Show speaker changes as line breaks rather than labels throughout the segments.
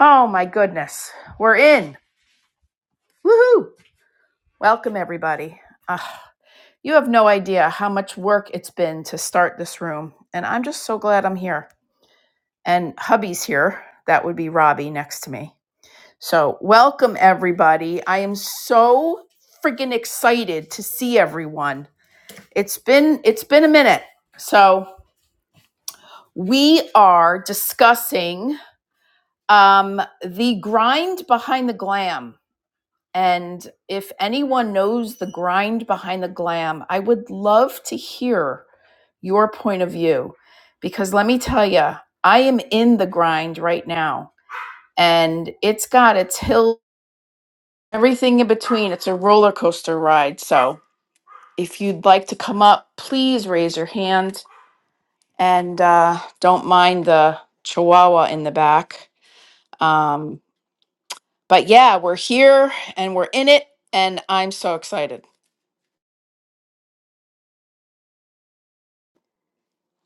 Oh my goodness. We're in. Woohoo! Welcome everybody. Ugh, you have no idea how much work it's been to start this room, and I'm just so glad I'm here. And hubby's here. That would be Robbie next to me. So, welcome everybody. I am so freaking excited to see everyone. It's been it's been a minute. So, we are discussing um the grind behind the glam And if anyone knows the grind behind the glam, I would love to hear your point of view. Because let me tell you, I am in the grind right now. And it's got its hill, everything in between. It's a roller coaster ride. So if you'd like to come up, please raise your hand. And uh, don't mind the chihuahua in the back. Um, but yeah, we're here and we're in it. And I'm so excited.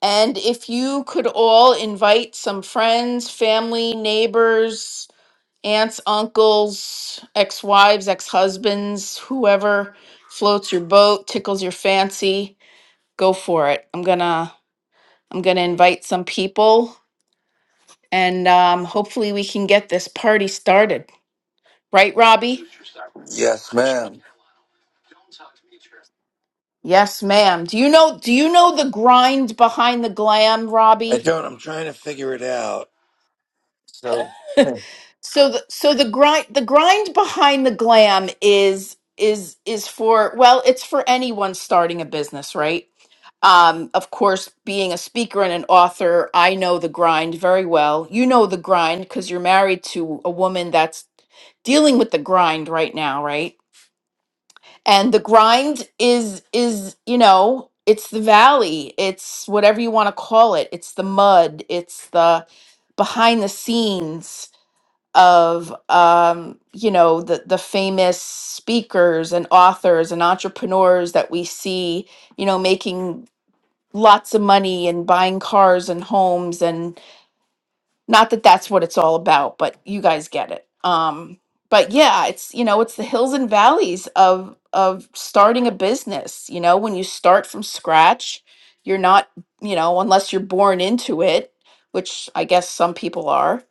And if you could all invite some friends, family, neighbors, aunts, uncles, ex wives, ex husbands, whoever floats your boat, tickles your fancy, go for it. I'm gonna I'm gonna invite some people and um, hopefully we can get this party started. Right, Robbie?
Yes, ma'am.
Yes, ma'am. Do you know do you know the grind behind the glam,
I
Robbie?
don't. I'm trying to figure it out. So,
So the so the grind the grind behind the glam is is is for well it's for anyone starting a business right um of course being a speaker and an author I know the grind very well you know the grind because you're married to a woman that's dealing with the grind right now right and the grind is is you know it's the valley it's whatever you want to call it it's the mud it's the behind the scenes of um, you know the the famous speakers and authors and entrepreneurs that we see you know making lots of money and buying cars and homes and not that that's what it's all about but you guys get it um but yeah it's you know it's the hills and valleys of of starting a business you know when you start from scratch you're not you know unless you're born into it which i guess some people are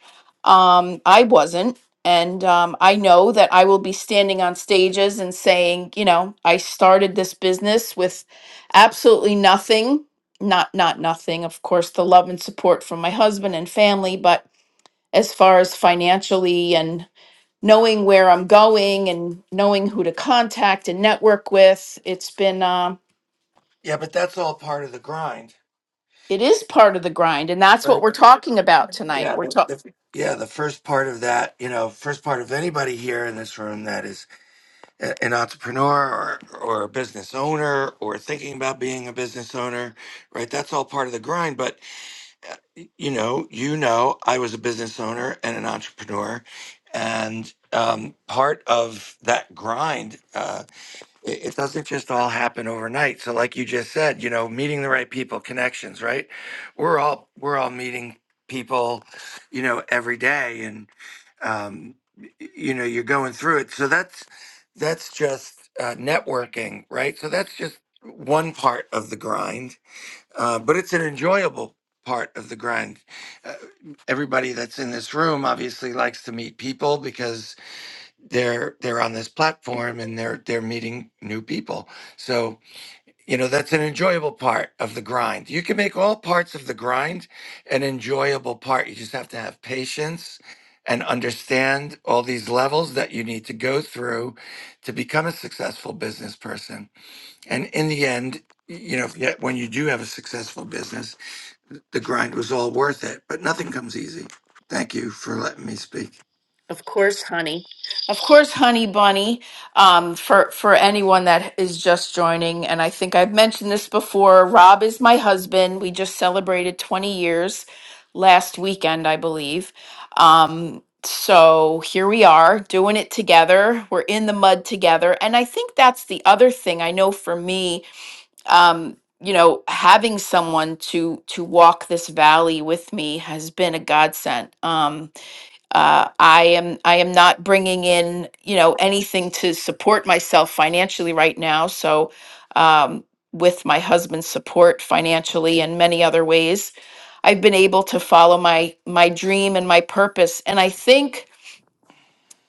um i wasn't and um, i know that i will be standing on stages and saying you know i started this business with absolutely nothing not not nothing of course the love and support from my husband and family but as far as financially and knowing where i'm going and knowing who to contact and network with it's been um
yeah, but that's all part of the grind,
it is part of the grind and that's what
right?
we're talking about tonight
Yeah,
we're
the,
talking.
the- yeah. The first part of that, you know, first part of anybody here in this room that is a, an entrepreneur or or a business owner or thinking about being a business owner, right? That's all part of the grind. But uh, y- you know, you know, I was a business owner and an entrepreneur, and um, part of that grind. uh, it, it doesn't just all happen overnight. So like you just said, you know, meeting the right people, connections, right? We're all we're all meeting people, you know, every day and um y- you know, you're going through it. So that's that's just uh, networking, right? So that's just one part of the grind, uh, but it's an enjoyable part of the grind. Uh, everybody that's in this room obviously likes to meet people because they're they're on this platform and they're they're meeting new people so you know that's an enjoyable part of the grind you can make all parts of the grind an enjoyable part you just have to have patience and understand all these levels that you need to go through to become a successful business person and in the end you know yet when you do have a successful business the grind was all worth it but nothing comes easy thank you for letting me speak
Of course, honey. Of course, honey bunny. Um, for for anyone that is just joining, and I think I've mentioned this before. Rob is my husband. We just celebrated 20 years last weekend, I believe. Um, so here we are doing it together. We're in the mud together, and I think that's the other thing. I know for me, um, you know, having someone to to walk this valley with me has been a godsend. Um, uh, I am I am not bringing in you know anything to support myself financially right now. So um, with my husband's support financially and many other ways, I've been able to follow my my dream and my purpose. And I think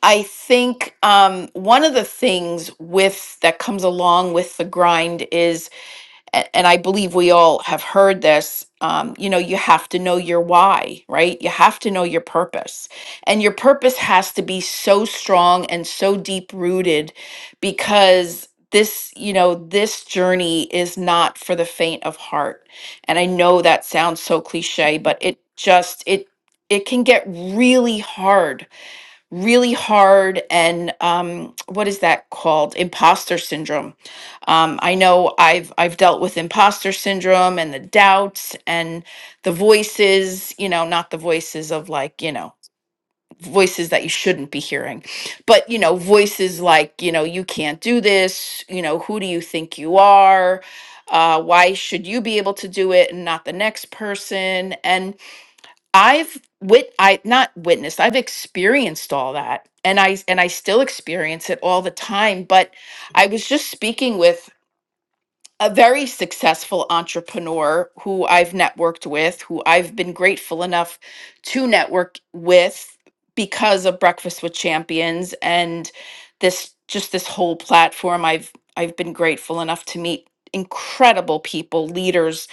I think um, one of the things with that comes along with the grind is a- and I believe we all have heard this, um, you know, you have to know your why, right? You have to know your purpose. And your purpose has to be so strong and so deep rooted because this, you know, this journey is not for the faint of heart. And I know that sounds so cliche, but it just, it, it can get really hard really hard and um, what is that called imposter syndrome um, i know i've i've dealt with imposter syndrome and the doubts and the voices you know not the voices of like you know voices that you shouldn't be hearing but you know voices like you know you can't do this you know who do you think you are uh, why should you be able to do it and not the next person and I've wit I not witnessed, I've experienced all that and I and I still experience it all the time, but I was just speaking with a very successful entrepreneur who I've networked with, who I've been grateful enough to network with because of Breakfast with Champions and this just this whole platform. I've I've been grateful enough to meet incredible people, leaders,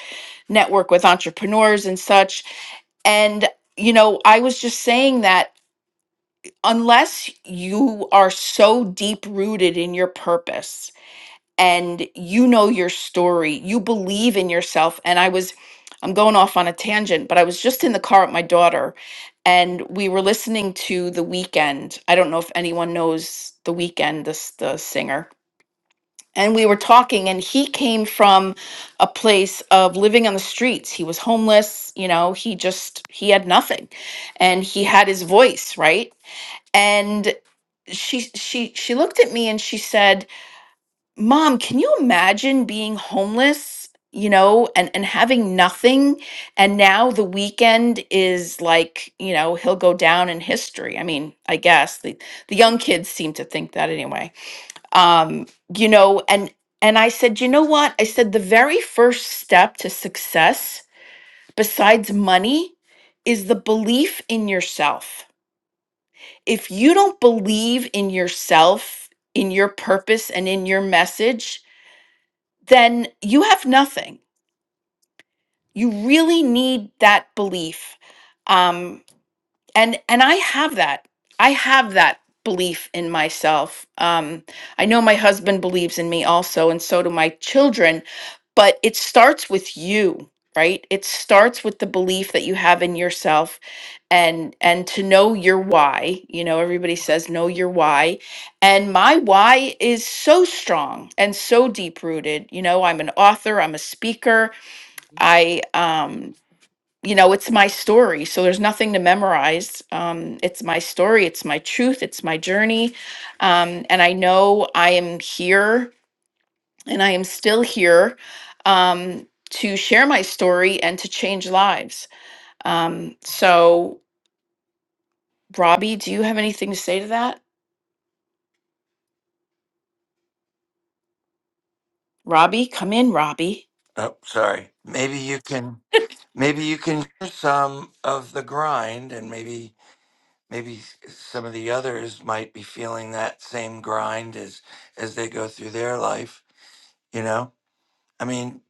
network with entrepreneurs and such and, you know, I was just saying that unless you are so deep rooted in your purpose and you know your story, you believe in yourself. And I was, I'm going off on a tangent, but I was just in the car with my daughter and we were listening to The Weekend. I don't know if anyone knows The Weekend, this the singer and we were talking and he came from a place of living on the streets he was homeless you know he just he had nothing and he had his voice right and she she she looked at me and she said mom can you imagine being homeless you know and and having nothing and now the weekend is like you know he'll go down in history i mean i guess the the young kids seem to think that anyway um, you know and and i said you know what i said the very first step to success besides money is the belief in yourself if you don't believe in yourself in your purpose and in your message then you have nothing you really need that belief um, and and i have that i have that belief in myself um, i know my husband believes in me also and so do my children but it starts with you right it starts with the belief that you have in yourself and and to know your why you know everybody says know your why and my why is so strong and so deep rooted you know i'm an author i'm a speaker i um you know it's my story so there's nothing to memorize um it's my story it's my truth it's my journey um and i know i am here and I am still here um, to share my story and to change lives. Um, so, Robbie, do you have anything to say to that? Robbie, come in, Robbie.
oh sorry maybe you can maybe you can hear some of the grind and maybe maybe some of the others might be feeling that same grind as as they go through their life you know i mean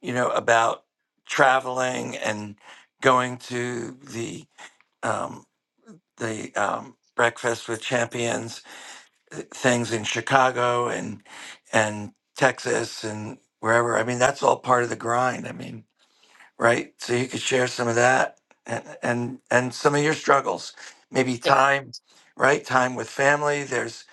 you know about traveling and going to the um the um breakfast with champions uh, things in chicago and and texas and wherever i mean that's all part of the grind i mean right? So you could share some of that and and and some of your struggles, maybe
Yes.
time, right? Time with family. There's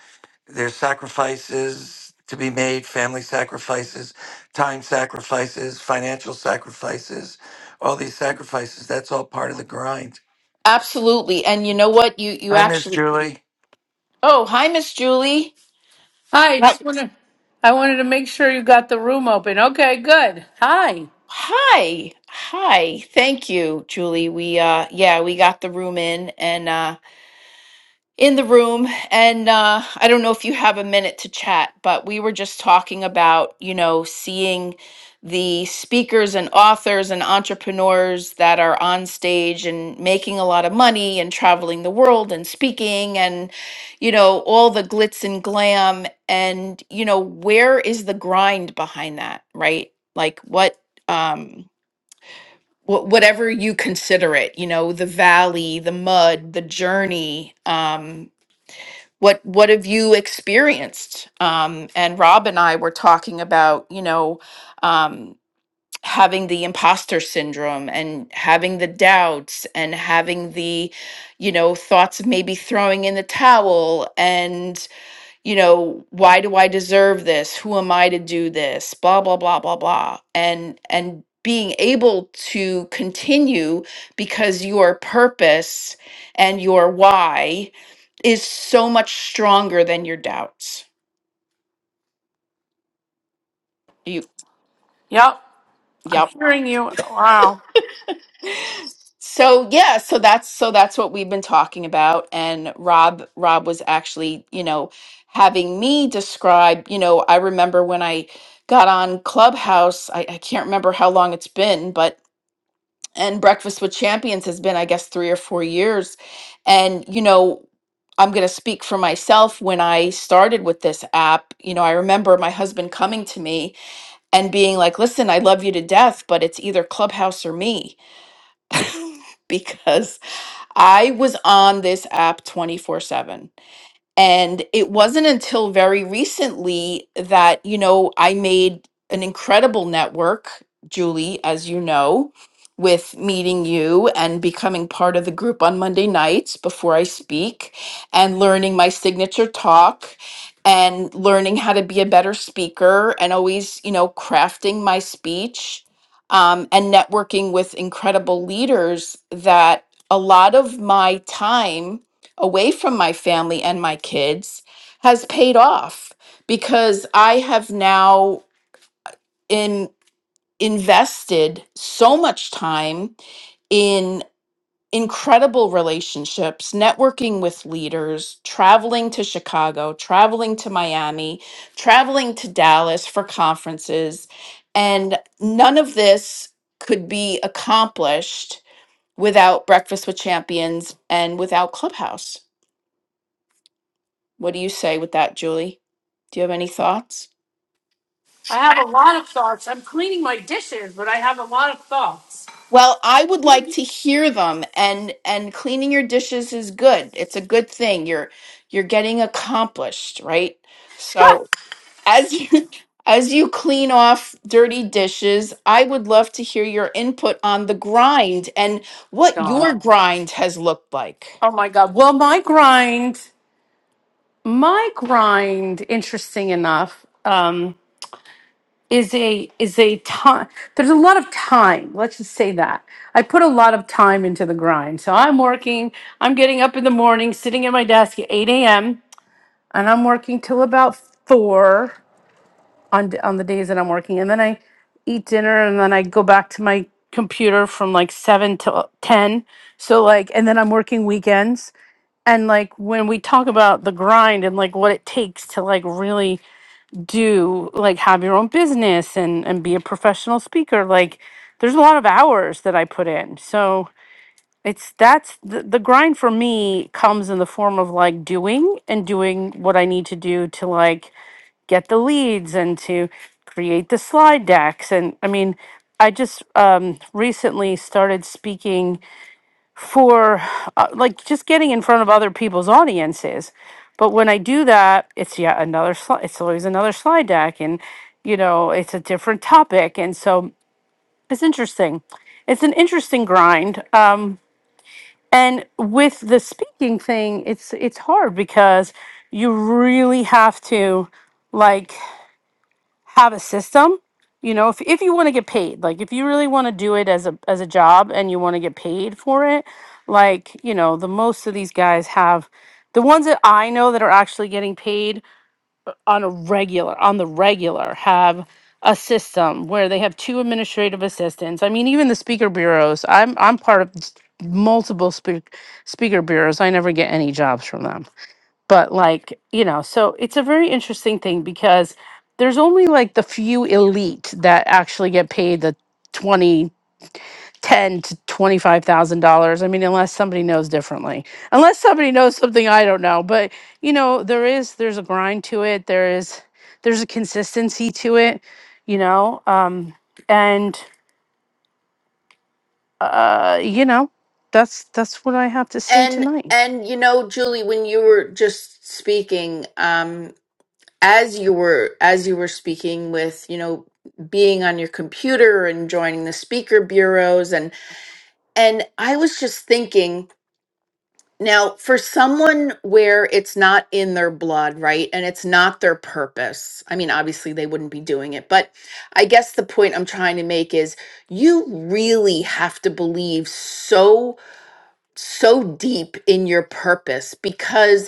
there's sacrifices to be made, family sacrifices, time sacrifices, financial sacrifices, all these sacrifices. That's all part of the grind.
Absolutely. And you know what? You you
I miss
actually.
Julie.
Oh, hi, Miss Julie.
Hi, I
Hi.
just wanna I wanted to make sure you got the room open. Okay, good. Hi.
Hi. Hi. Thank you, Julie. We uh, yeah, we got the room in, and uh, in the room and uh, i don't know if you have a minute to chat but we were just talking about you know seeing the speakers and authors and entrepreneurs that are on stage and making a lot of money and traveling the world and speaking and you know all the glitz and glam and you know where is the grind behind that right like what um wh- whatever you consider it you know the valley the mud the journey um what what have you experienced um, and rob and i were talking about you know um, having the imposter syndrome and having the doubts and having the you know thoughts of maybe throwing in the towel and you know why do i deserve this who am i to do this blah blah blah blah blah and and being able to continue because your purpose and your why is so much stronger than your doubts. You
Yep. I'm
yep.
hearing you. Wow.
So yeah, so that's so that's what we've been talking about and Rob Rob was actually, you know, having me describe, you know, I remember when I got on Clubhouse, I, I can't remember how long it's been, but and Breakfast with Champions has been I guess 3 or 4 years and you know, I'm going to speak for myself when I started with this app, you know, I remember my husband coming to me and being like, listen, I love you to death, but it's either Clubhouse or me. because I was on this app 24 7 and it wasn't until very recently that, you know, I made an incredible network, Julie, as you know, with meeting you and becoming part of the group on Monday nights before I speak and learning my signature talk and learning how to be a better speaker and always, you know, crafting my speech um, and networking with incredible leaders that a lot of my time away from my family and my kids has paid off because I have now in, invested so much time in incredible relationships, networking with leaders, traveling to Chicago, traveling to Miami, traveling to Dallas for conferences. And none of this could be accomplished without Breakfast with Champions and without Clubhouse. What do you say with that, Julie? Do you have any thoughts?
I have a lot of thoughts. I'm cleaning my dishes, but I have a lot of thoughts.
Well, I would like to hear them and and cleaning your dishes is good. It's a good thing. You're you're getting accomplished, right? So, as you as you clean off dirty dishes, I would love to hear your input on the grind and what
Gosh.
your grind has looked like.
Oh my god. Well, my grind, my grind, interesting enough, um, is a is a time there's a lot of time. Let's just say that. I put a lot of time into the grind. So I'm working, I'm getting up in the morning, sitting at my desk at 8 a.m and I'm working till about four on d- on the days that I'm working, and then I eat dinner, and then I go back to my computer from like seven to uh, ten. So like, and then I'm working weekends, and like when we talk about the grind and like what it takes to like really do like have your own business and and be a professional speaker, like there's a lot of hours that I put in. So it's that's the, the grind for me comes in the form of like doing and doing what I need to do to like get the leads and to create the slide decks. And I mean, I just um, recently started speaking for uh, like just getting in front of other people's audiences. But when I do that, it's yet another slide. It's always another slide deck, and you know, it's a different topic. And so it's interesting. It's an interesting grind. Um, and with the speaking thing, it's it's hard because you really have to like have a system you know if, if you want to get paid like if you really want to do it as a as a job and you want to get paid for it like you know the most of these guys have the ones that i know that are actually getting paid on a regular on the regular have a system where they have two administrative assistants i mean even the speaker bureaus i'm i'm part of s- multiple speak, speaker bureaus i never get any jobs from them but like you know so it's a very interesting thing because there's only like the few elite that actually get paid the 20 10 to 25 thousand dollars i mean unless somebody knows differently unless somebody knows something i don't know but you know there is there's a grind to it there is there's a consistency to it you know um and uh you know that's that's what i have to say
And
tonight
and you know, Julie, when you were just speaking, as you were as you were speaking with you know being on your computer and joining the speaker bureaus and and i was just thinking now for someone where it's not in their blood right and it's not their purpose i mean obviously they wouldn't be doing it but i guess the point i'm trying to make is you really have to believe so so deep in your purpose because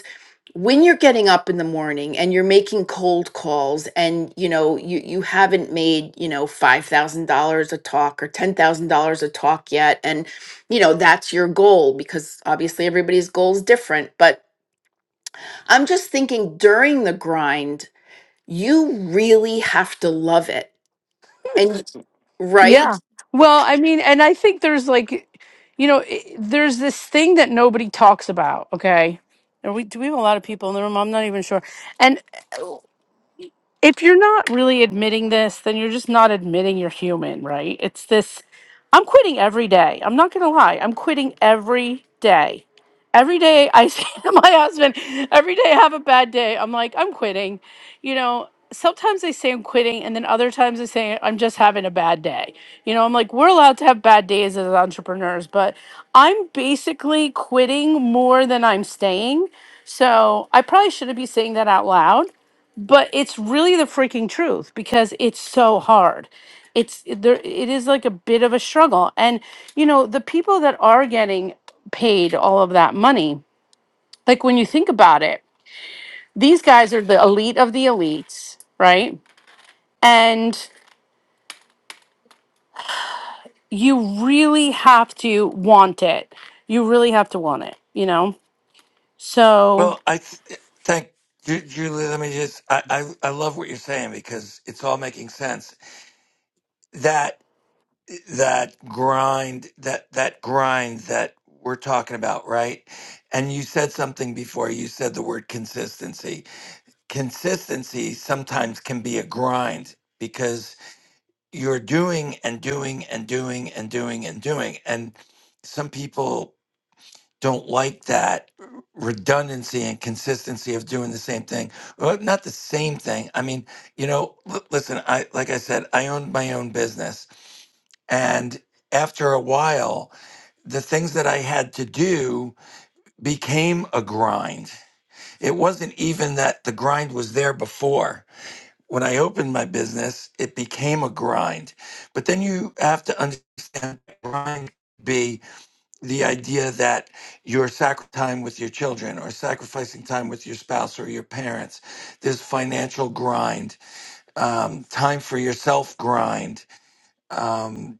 when you're getting up in the morning and you're making cold calls and you know you you haven't made you know $5000 a talk or $10000 a talk yet and you know that's your goal because obviously everybody's goal is different but i'm just thinking during the grind you really have to love it and right
Yeah. Well, I mean, and I think there's like, you know, i- there's this thing that nobody talks about. Okay. Are we, do we have a lot of people in the room? I'm not even sure if you're not really admitting this, then you're just not admitting you're human, right? It's this I'm quitting every day. I'm not going to lie. I'm quitting every day. Every day I say to my husband, every day I have a bad day. I'm like, I'm quitting. You know, sometimes I say I'm quitting, and then other times I say I'm just having a bad day. You know, I'm like, we're allowed to have bad days as entrepreneurs, but I'm basically quitting more than I'm staying. So I probably shouldn't be saying that out loud but it's really the freaking truth because it's so hard it's it- there it is like a bit of a struggle and you know the people that are getting paid all of that money like when you think about it these guys are the elite of the elites right and you really have to want it you really have to want it you know so
Well, I th- thank. Ju- Julie, let me just, I, I, I love what you're saying because it's all making sense. That. that grind that that grind that we're talking about right and you said something before you said the word consistency consistency sometimes can be a grind because you're doing and doing and doing and doing and doing and some people don't like that redundancy and consistency of doing the same thing well, not the same thing i mean you know l- listen i like i said i owned my own business and after a while, the things that I had to do became a grind. It wasn't even that the grind was there before. When I opened my business, it became a grind. But then you have to understand that grind could be the idea that you're sacrificing time with your children or sacrificing time with your spouse or your parents. There's financial grind, um, time for yourself grind, um,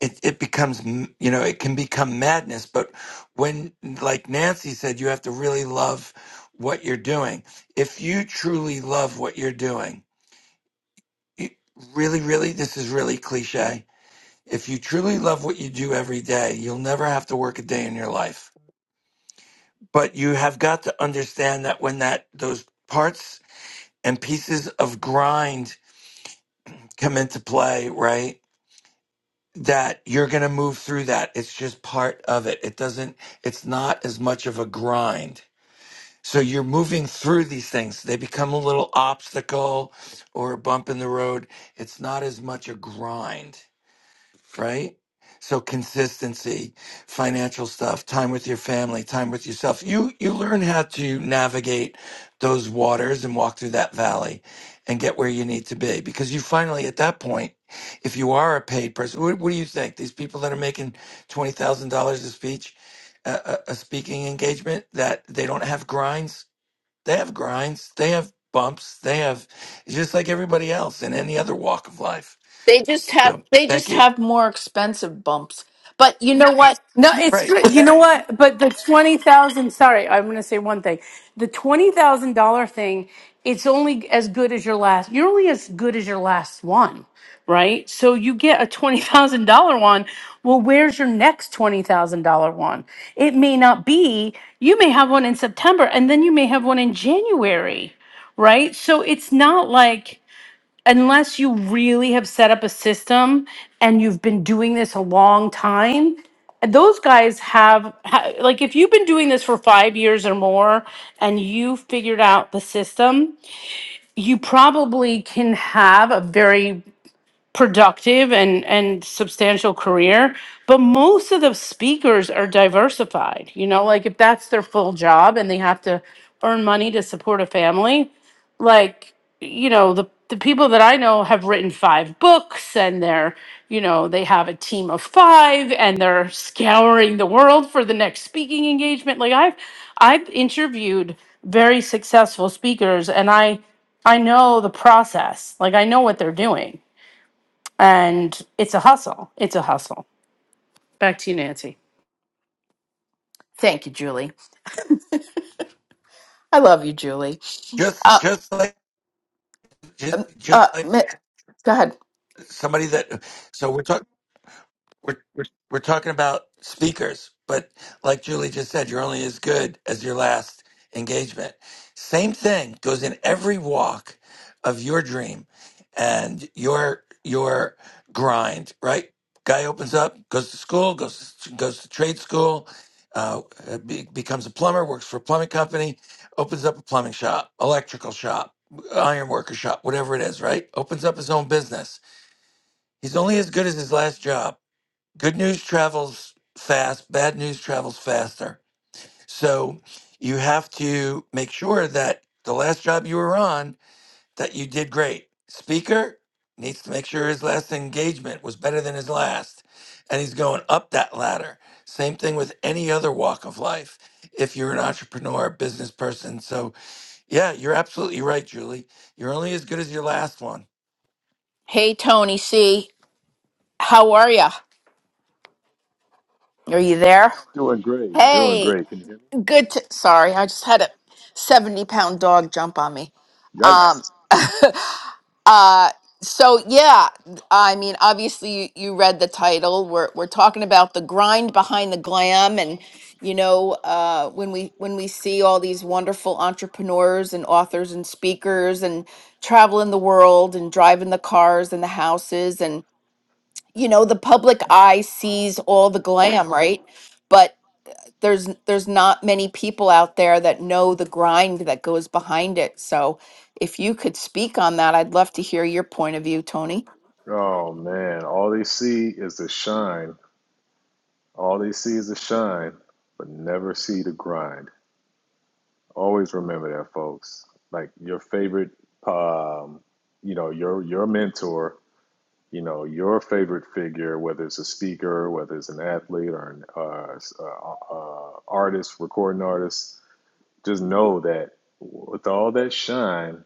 it, it becomes m- you know it can become madness but when like nancy said you have to really love what you're doing if you truly love what you're doing you, really really this is really cliche if you truly love what you do every day you'll never have to work a day in your life but you have got to understand that when that those parts and pieces of grind come into play right that you're going to move through that. It's just part of it. It doesn't, it's not as much of a grind. So you're moving through these things. They become a little obstacle or a bump in the road. It's not as much a grind right? So consistency, financial stuff, time with your family, time with yourself. You you learn how to navigate those waters and walk through that valley and get where you need to be because you finally at that point if you are a paid person what, what do you think these people that are making $20,000 a speech uh, a, a speaking engagement that they don't have grinds they have grinds they have bumps they have it's just like everybody else in any other walk of life
they just have
so
they
thank
just
you
have more expensive bumps but you know what
No, it's
right
true. You know what? But the twenty thousand. Sorry, I'm going to say one thing. The twenty thousand dollar thing. It's only as good as your last. You're only as good as your last one, right? So you get a twenty thousand dollar one. Well, where's your next twenty thousand dollar one? It may not be. You may have one in September, and then you may have one in January, right? So it's not like unless you really have set up a system and you've been doing this a long time those guys have ha- like if you've been doing this for 5 years or more and you figured out the system you probably can have a very productive and and substantial career but most of the speakers are diversified you know like if that's their full job and they have to earn money to support a family like you know the the people that I know have written five books and they're you know they have a team of 5 and they're scouring the world for the next speaking engagement like I've I've interviewed very successful speakers and I I know the process like I know what they're doing and it's a hustle. It's a hustle. Back to you, Nancy.
thank you julie i love you julie
just
uh
just like just,
uh
just like
mi- go ahead
somebody that so we're talking. we're, we're, we're talking about speakers, but like Julie just said, you're only as good as your last engagement. Same thing goes in every walk of your dream and your your grind. Right? Guy opens up, goes to school, goes to, goes to trade school, uh, be, becomes a plumber, works for a plumbing company, opens up a plumbing shop, electrical shop, iron worker shop, whatever it is. Right? Opens up his own business. He's only as good as his last job good news travels fast, bad news travels faster. So you have to make sure that the last job you were on that you did great. Speaker needs to make sure his last engagement was better than his last and he's going up that ladder. Same thing with any other walk of life. If you're an entrepreneur, business person. So, yeah, you're absolutely right, Julie. You're only as good as your last one.
Hey, Tony C. How are ya? Are you there?
Doing great, doing
Hey,
great. Can you hear me?
good. To, sorry, I just had a 70 pound dog jump on me.
Yikes.
Um, uh, so, yeah, I mean, obviously, you, you read the title. We're, we're talking about the grind behind the glam. And, you know, uh, when we when we see all these wonderful entrepreneurs and authors and speakers and traveling the world and driving the cars and the houses and. you know the public eye sees all the glam right but there's there's not many people out there that know the grind that goes behind it so if you could speak on that i'd love to hear your point of view tony
Oh man, all they see is the shine. All they see is the shine, but never see the grind. Always remember that, folks. Like your favorite, um, you know, your your mentor, you know, your favorite figure, whether it's a speaker, whether it's an athlete or an uh, s- uh, uh, artist, recording artist, just know that with all that shine,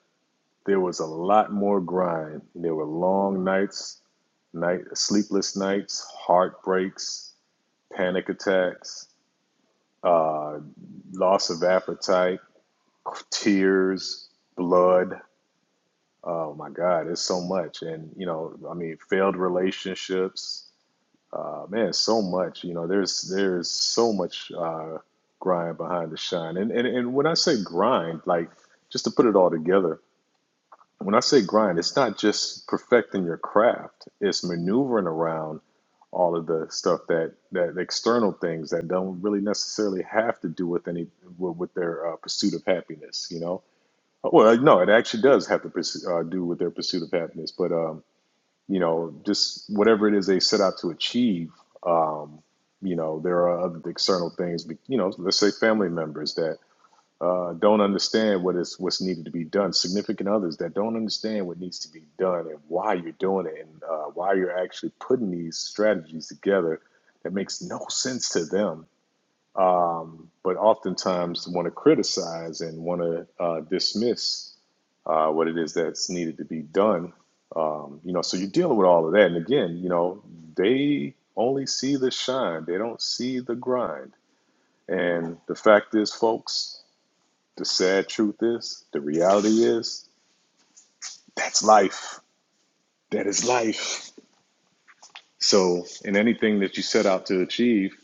There was a lot more grind. There were long nights, night sleepless nights, heartbreaks, panic attacks, uh, loss of appetite, tears, blood. Oh my God, it's so much. And you know, I mean, failed relationships. Uh, man, so much. You know, there's there's so much uh, grind behind the shine. And, and and when I say grind, like just to put it all together When I say grind, it's not just perfecting your craft, it's maneuvering around all of the stuff that that external things that don't really necessarily have to do with any with, with their uh, pursuit of happiness you know well uh, no it actually does have to pursue, uh, do with their pursuit of happiness but um you know just whatever it is they set out to achieve um you know there are other external things you know let's say family members that uh, don't understand what is what's needed to be done. Significant others that don't understand what needs to be done and why you're doing it and uh, why you're actually putting these strategies together that makes no sense to them. Um, but oftentimes want to criticize and want to uh, dismiss uh, what it is that's needed to be done. Um, you know, so you're dealing with all of that. And again, you know, they only see the shine; they don't see the grind. And the fact is, folks. The sad truth is, the reality is, that's life. That is life. So, in anything that you set out to achieve,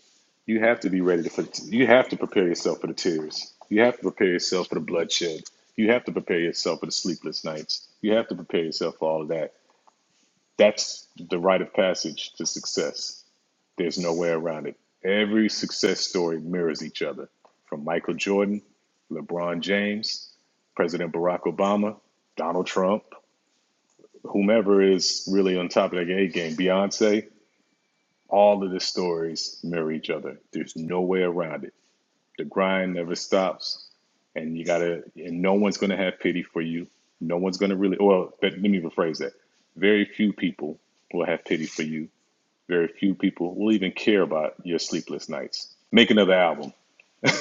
you have to be ready to. You have to prepare yourself for the tears. You have to prepare yourself for the bloodshed. You have to prepare yourself for the sleepless nights. You have to prepare yourself for all of that. That's the rite of passage to success. There's no way around it. Every success story mirrors each other, from Michael Jordan, LeBron James, President Barack Obama, Donald Trump, whomever is really on top of their A game, Beyonce, all of the stories mirror each other. There's no way around it. The grind never stops, and you gotta. And no one's gonna have pity for you. No one's gonna really. Well, let me rephrase that. Very few people will have pity for you. Very few people will even care about your sleepless nights. Make another album.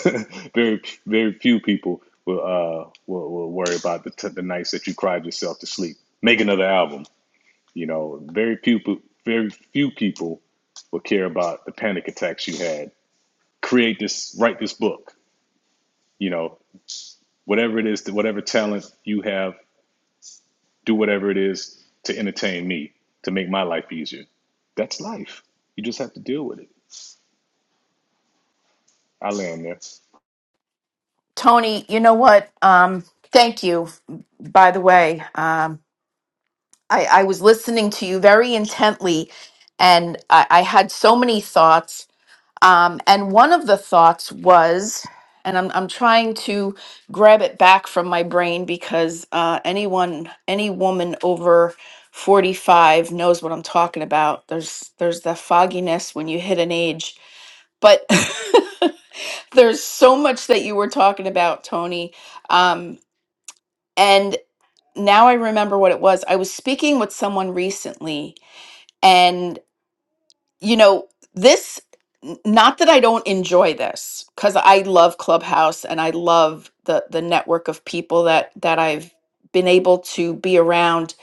very very few people will uh will, will worry about the t- the nights that you cried yourself to sleep. Make another album you know, very few very few people will care about the panic attacks you had. Create this, write this book. You know, whatever it is, whatever talent you have, do whatever it is to entertain me, to make my life easier. That's life. You just have to deal with it. I land there.
tony you know what um thank you by the way um i i was listening to you very intently and i i had so many thoughts Um, and one of the thoughts was, and I'm, I'm trying to grab it back from my brain because uh, anyone, any woman over 45 knows what I'm talking about. There's there's the fogginess when you hit an age, but there's so much that you were talking about, Tony. Um, and now I remember what it was. I was speaking with someone recently you know, this, n- not that I don't enjoy this, because I love Clubhouse and I love the the network of people that that I've been able to be around.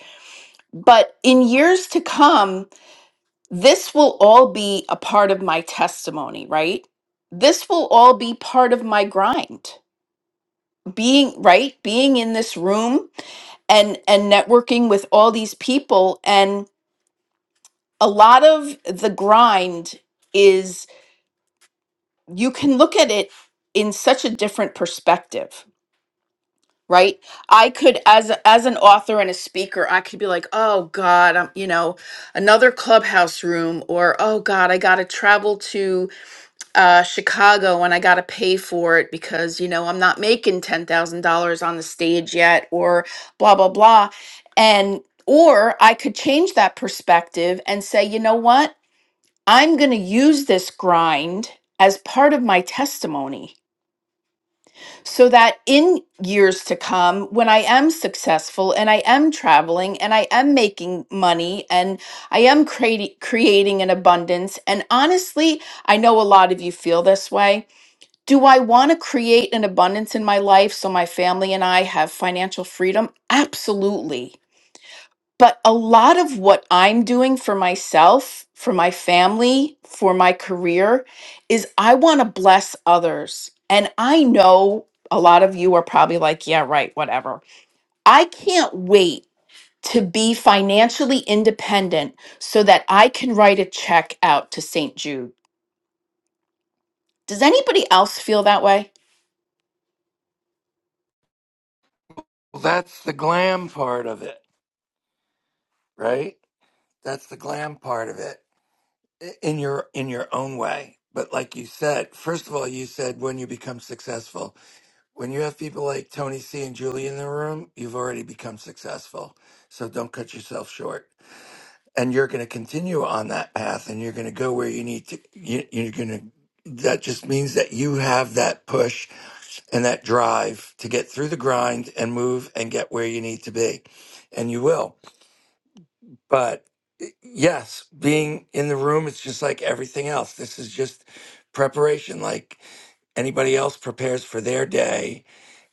But in years to come, this will all be a part of my testimony, right? This will all be part of my grind. Being right, being in this room and and networking with all these people and a lot of the grind you can look at it in such a different perspective right i could as a- as an author and a speaker i could be like oh god i'm you know another clubhouse room or oh god i gotta travel to uh, chicago and i gotta pay for it because you know i'm not making $10000 on the stage yet or blah blah blah and or i could change that perspective and say you know what i'm gonna use this grind as part of my testimony so that in years to come when i am successful and i am traveling and i am making money and i am creati- creating an abundance and honestly i know a lot of you feel this way do i want to create an abundance in my life so my family and i have financial freedom absolutely but a lot of what I'm doing for myself, for my family, for my career is I want to bless others. And I know a lot of you are probably like, yeah, right, whatever. I can't wait to be financially independent so that I can write a check out to St. Jude. Does anybody else feel that way?
Well, that's the glam part of it, right? That's the glam part of it in your in your own way but like you said first of all you said when you become successful when you have people like tony c and julie in the room you've already become successful so don't cut yourself short and you're going to continue on that path and you're going to go where you need to you, you're going to that just means that you have that push and that drive to get through the grind and move and get where you need to be and you will but y- yes being in the room it's just like everything else this is just preparation like anybody else prepares for their day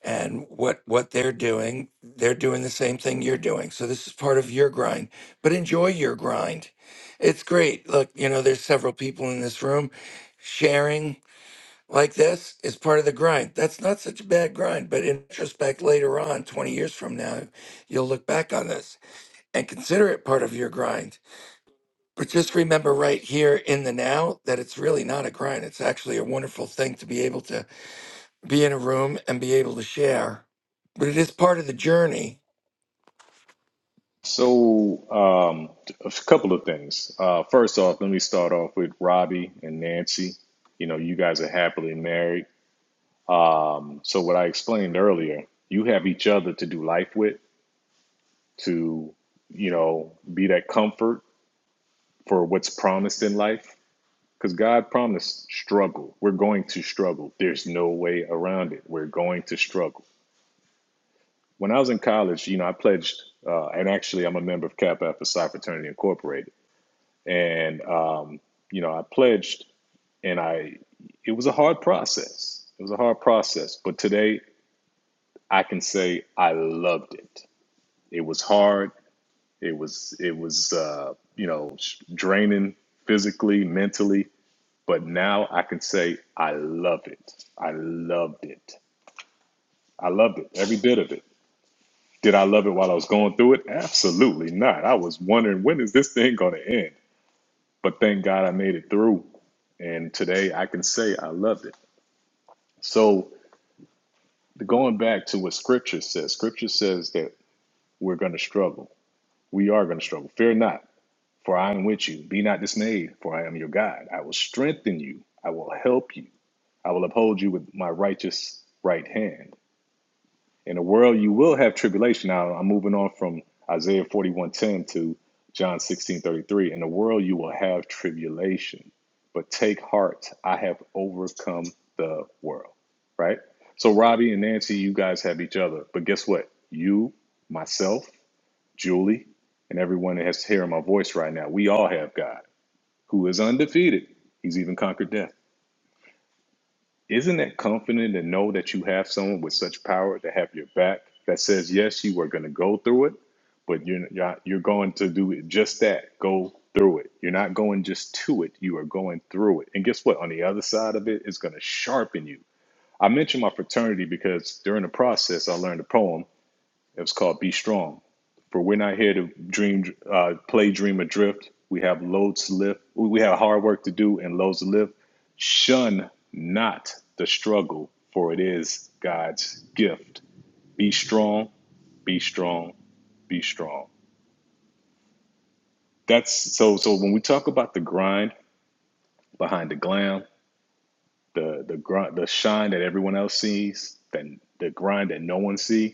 and what what they're doing they're doing the same thing you're doing so this is part of your grind but enjoy your grind it's great look you know there's several people in this room sharing like this is part of the grind that's not such a bad grind but in retrospect later on 20 years from now you'll look back on this and consider it part of your grind but just remember right here in the now that it's really not a grind. It's actually a wonderful thing to be able to be in a room and be able to share. But it is part of the journey.
So, um, a couple of things. Uh, first off, let me start off with Robbie and Nancy. You know, you guys are happily married. Um, so what I explained earlier, you have each other to do life with, to you know, be that comfort for what's promised in life. Because God promised struggle. We're going to struggle. There's no way around it. We're going to struggle. When I was in college, you know, I pledged, uh, and actually, I'm a member of Kappa Alpha Psi Fraternity Incorporated, and um, you know, I pledged, and I, it was a hard process. It was a hard process, but today I can say I loved it. It was hard. It was it was uh, you know sh- draining physically, mentally. But now I can say I love it. I loved it. I loved it. Every bit of it. Did I love it while I was going through it? Absolutely not. I was wondering when is this thing going to end. But thank God I made it through. And today I can say I loved it. So going back to what Scripture says, Scripture says that we're going to struggle. We are going to struggle. Fear not For I am with you. Be not dismayed, for I am your God. I will strengthen you. I will help you. I will uphold you with my righteous right hand. In the world you will have tribulation. Now I'm moving on from Isaiah 41:10 to John 16:33. In the world you will have tribulation, but take heart. I have overcome the world. Right? So Robbie and Nancy, you guys have each other. But guess what? You, myself, Julie, and everyone that has hearing my voice right now, we all have God who is undefeated. He's even conquered death. Isn't that comforting to know that you have someone with such power to have your back that says, yes, you are going to go through it, but you're not, you're going to do it just that. Go through it. You're not going just to it. You are going through it. And guess what? On the other side of it, it's going to sharpen you. I mentioned my fraternity because during the process, I learned a poem it was called Be Strong. For we're not here to dream, uh, play, dream, or drift. We have loads to lift. We have hard work to do and loads to lift. Shun not the struggle, for it is God's gift. Be strong, be strong, be strong. That's so. So when we talk about the grind behind the glam, the the grind, the shine that everyone else sees, then the grind that no one sees,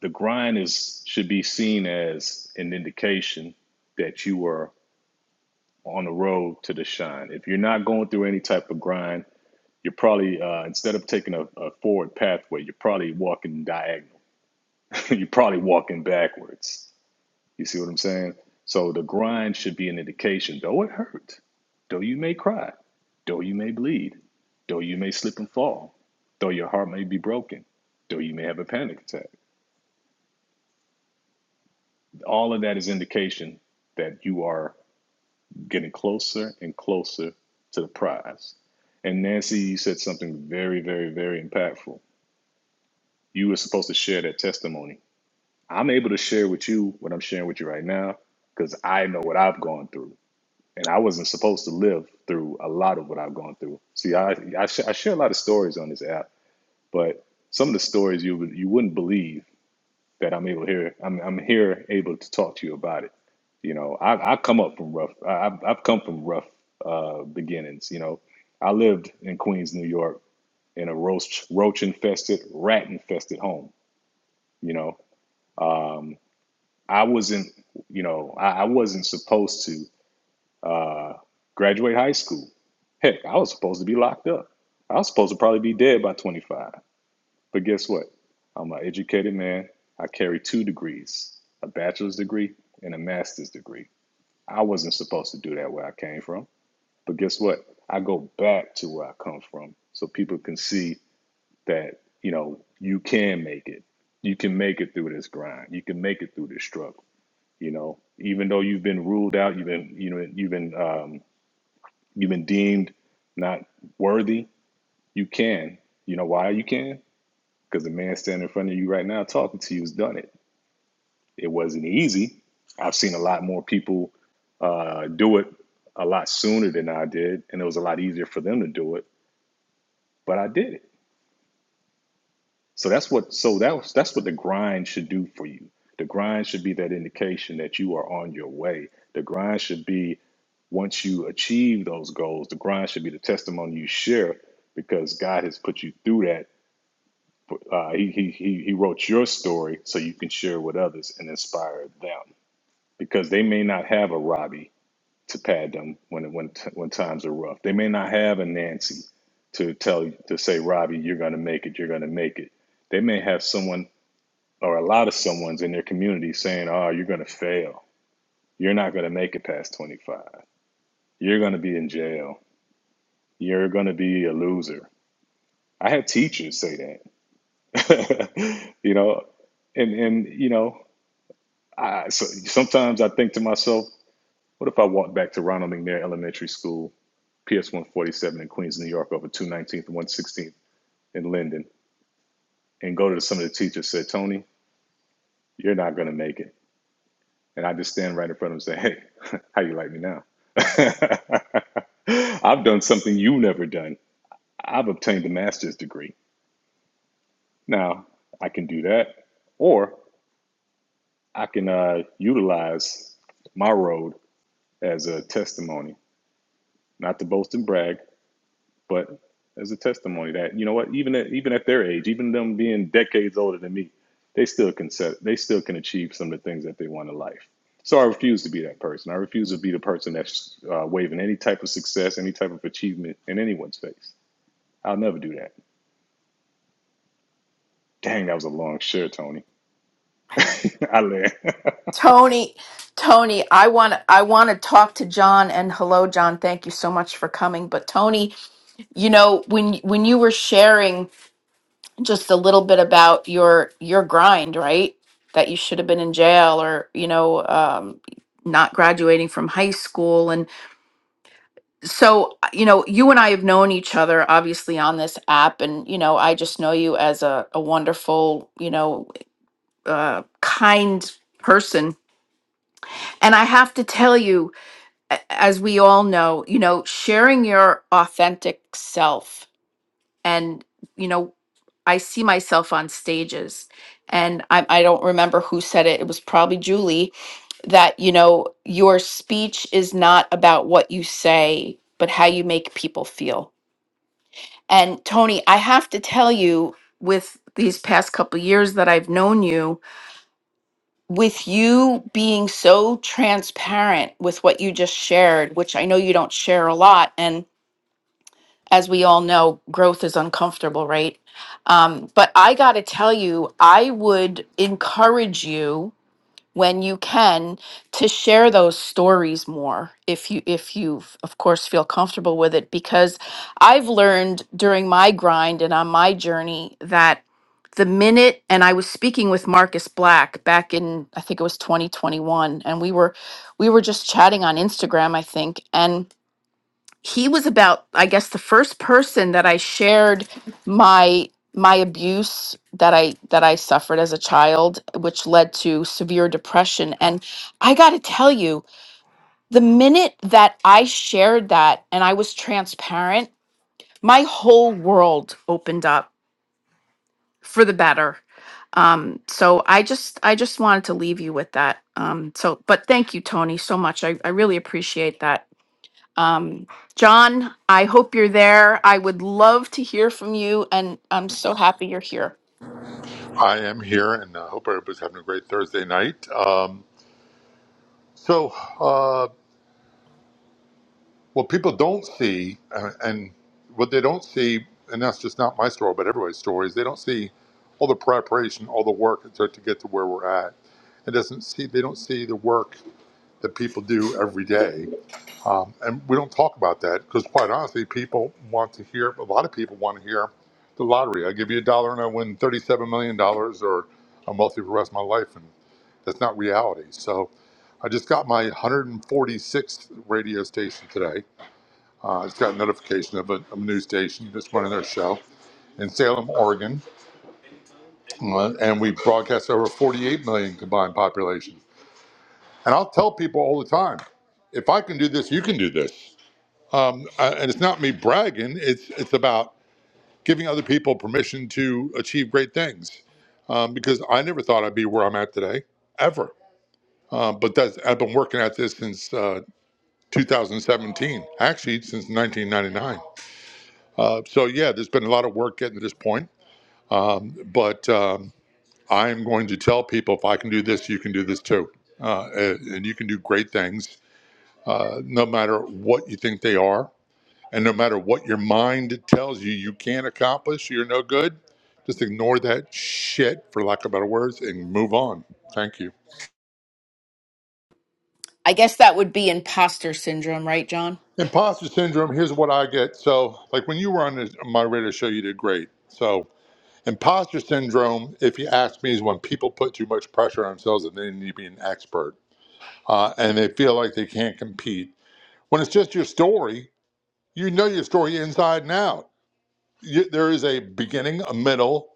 the grind is should be seen as an indication that you are on the road to the shine. If you're not going through any type of grind, you're probably uh, instead of taking a, a forward pathway, you're probably walking diagonal. you're probably walking backwards. You see what I'm saying? So the grind should be an indication, though it hurt, though you may cry, though you may bleed, though you may slip and fall, though your heart may be broken, though you may have a panic attack. All of that is indication that you are getting closer and closer to the prize. And Nancy, you said something very, very, very impactful. You were supposed to share that testimony. I'm able to share with you what I'm sharing with you right now because I know what I've gone through. And I wasn't supposed to live through a lot of what I've gone through. See, I, I, sh- I share a lot of stories on this app, but some of the stories you, would- you wouldn't believe that I'm able to hear. I'm, I'm here able to talk to you about it. You know, I, I come up from rough. I, I've I've come from rough uh, beginnings. You know, I lived in Queens, New York, in a roach roach infested, rat infested home. You know, um, I wasn't. You know, I, I wasn't supposed to uh, graduate high school. Heck, I was supposed to be locked up. I was supposed to probably be dead by 25. But guess what? I'm an educated man. I carry two degrees a bachelor's degree and a master's degree. I wasn't supposed to do that where I came from. But guess what? I go back to where I come from so people can see that, you know, you can make it. You can make it through this grind. You can make it through this struggle. You know, even though you've been ruled out, you've been, you know, you've been, um, you've been deemed not worthy, you can. You know why you can? Because the man standing in front of you right now talking to you has done it. It wasn't easy. I've seen a lot more people uh, do it a lot sooner than I did, and it was a lot easier for them to do it. But I did it. So that's what. So that was that's what the grind should do for you. The grind should be that indication that you are on your way. The grind should be once you achieve those goals. The grind should be the testimony you share because God has put you through that. Uh, he, he he he wrote your story so you can share with others and inspire them because they may not have a Robbie to pad them when when when times are rough. They may not have a Nancy to tell to say Robbie, you're going to make it. You're going to make it. They may have someone or a lot of someone's in their community saying, "Oh, you're going to fail. You're not going to make it past 25. You're going to be in jail. You're going to be a loser." I had teachers say that, you know, and and you know, I so sometimes I think to myself, what if I walked back to Ronald McNair Elementary School PS 147 in Queens, New York, over 219th and 116th in Linden, and go to some of the teachers said, Tony, you're not going to make it. And I just stand right in front of them and say, hey, how you like me now? I've done something you've never done. I've obtained a master's degree. Now, I can do that, or I can uh, utilize my road as a testimony, not to boast and brag, But as a testimony that you know what, even at, even at their age, even them being decades older than me, they still can set, they still can achieve some of the things that they want in life. So I refuse to be that person. I refuse to be the person that's uh, waving any type of success, any type of achievement in anyone's face. I'll never do that. Dang, that was a long share, Tony. I learned.
Tony, Tony, I want to I want to talk to John and hello John, thank you so much for coming, but Tony, you know when when you were sharing just a little bit about your your grind right that you should have been in jail or you know um not graduating from high school and so uh, you know you and i have known each other obviously on this app and you know i just know you as a, a wonderful you know uh, kind person and i have to tell you a- as we all know you know sharing your authentic self and you know I see myself on stages, and I, I don't remember who said it. It was probably Julie that, you know, your speech is not about what you say, but how you make people feel. And Tony, I have to tell you, with these past couple years that I've known you, with you being so transparent with what you just shared, which I know you don't share a lot, and. as we all know, growth is uncomfortable, right? Um, but I got to tell you, I would encourage you when you can to share those stories more if you if you f- of course feel comfortable with it because I've learned during my grind and on my journey that the minute and I was speaking with Marcus Black back in I think it was 2021 and we were we were just chatting on Instagram I think and he was about i guess the first person that i shared my my abuse that i that i suffered as a child which led to severe depression and i got to tell you the minute that i shared that and i was transparent my whole world opened up for the better um so i just i just wanted to leave you with that um so but thank you tony so much i, I really appreciate that um, John, I hope you're there. I would love to hear from you, and I'm so happy you're here.
I am here, and I hope everybody's having a great Thursday night. Um, so, uh, what people don't see, uh, and what they don't see, and that's just not my story, but everybody's story, is they don't see all the preparation, all the work to, to get to where we're at. It doesn't see they don't see the work that people do every day. Um, and we don't talk about that because, quite honestly, people want to hear. A lot of people want to hear the lottery. I give you a dollar and I win thirty-seven million dollars, or I'm wealthy for the rest of my life, and that's not reality. So, I just got my 146th radio station today. Uh, I just got a notification of a, of a news station just running their show in Salem, Oregon, uh, and we broadcast over 48 million combined population. And I'll tell people all the time, if I can do this, you can do this. um, uh, and it's not me bragging. It's it's about giving other people permission to achieve great things, um, because I never thought I'd be where I'm at today, ever. Um, but that's I've been working at this since uh, 2017, actually since 1999. Uh, so yeah, there's been a lot of work getting to this point. Um, but um, I am going to tell people if I can do this, you can do this too, uh, and, and you can do great things, uh, no matter what you think they are And no matter what your mind tells you you can't accomplish, you're no good, just ignore that shit, for lack of better words, and move on. Thank you.
I guess that would be imposter syndrome, right, John?
Imposter syndrome, here's what I get. So, like when you were on this, my radio show, you did great. So, imposter syndrome, if you ask me, is when people put too much pressure on themselves and they need to be an expert uh, and they feel like they can't compete. When it's just your story, you know your story inside and out you, there is a beginning, a middle,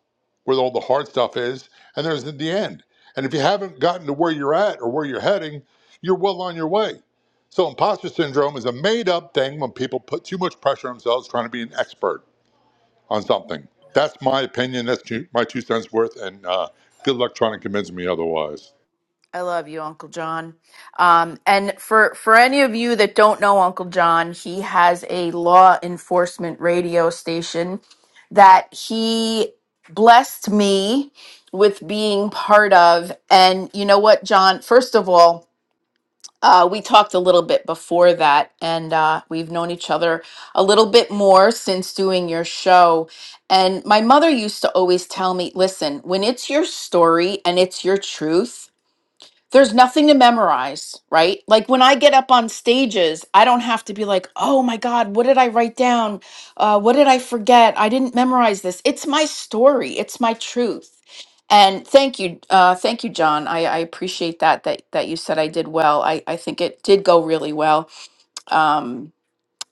where all the hard stuff is, and there's the end. And if you haven't gotten to where you're at or where you're heading, you're well on your way. So, imposter syndrome is a made up thing when people put too much pressure on themselves trying to be an expert on something. That's my opinion. That's two, my two cents worth. And uh, good luck trying to convince me otherwise.
I love you, Uncle John. Um, and for for any of you that don't know Uncle John, he has a law enforcement radio station that he blessed me with being part of. And you know what, John? First of all, uh, we talked a little bit before that, and uh, we've known each other a little bit more since doing your show. And my mother used to always tell me listen, when it's your story and it's your truth, there's nothing to memorize, right? Like when I get up on stages, I don't have to be like, oh my God, what did I write down? Uh, what did I forget? I didn't memorize this. It's my story, it's my truth. And thank you, uh, thank you, John. I, I appreciate that, that that you said I did well. I, I think it did go really well. Um,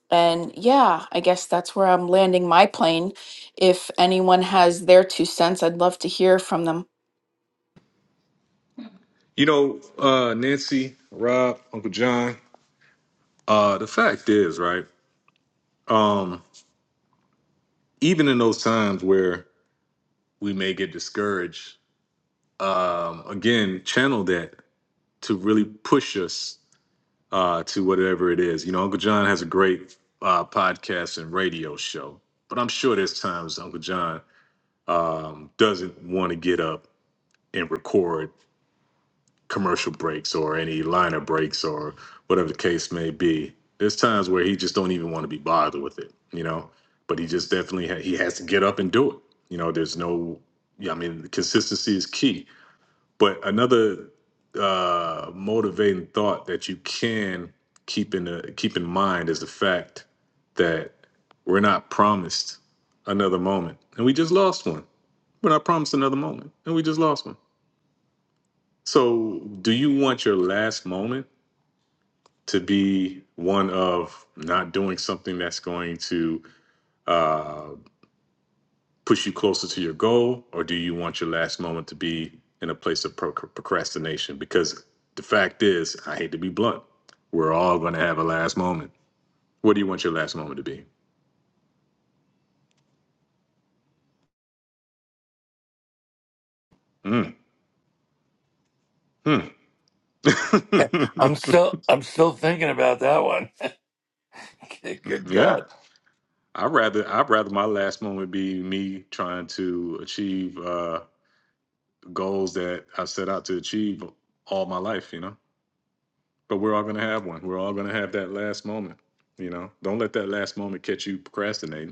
and yeah, I guess that's where I'm landing my plane. If anyone has their two cents, I'd love to hear from them.
You know, uh, Nancy, Rob, Uncle John, uh, the fact is, right? Um, even in those times where we may get discouraged, um, again, channel that to really push us uh, to whatever it is. You know, Uncle John has a great uh, podcast and radio show, but I'm sure there's times Uncle John um, doesn't want to get up and record commercial breaks or any liner breaks or whatever the case may be. There's times where he just don't even want to be bothered with it, you know. But he just definitely ha- he has to get up and do it. You know, there's no, yeah, I mean, consistency is key but another uh, motivating thought that you can keep in the, keep in mind is the fact that we're not promised another moment, and we just lost one. We're not promised another moment, and we just lost one. So, do you want your last moment to be one of not doing something that's going to uh, push you closer to your goal, or do you want your last moment to be in a place of pro- procrastination? Because the fact is, I hate to be blunt, we're all going to have a last moment. What do you want your last moment to be? Mm. Hmm.
I'm still I'm still thinking about that one. Good
yeah,
God.
I'd rather I'd rather my last moment be me trying to achieve uh, goals that I set out to achieve all my life. You know, but we're all going to have one. We're all going to have that last moment. You know, don't let that last moment catch you procrastinating.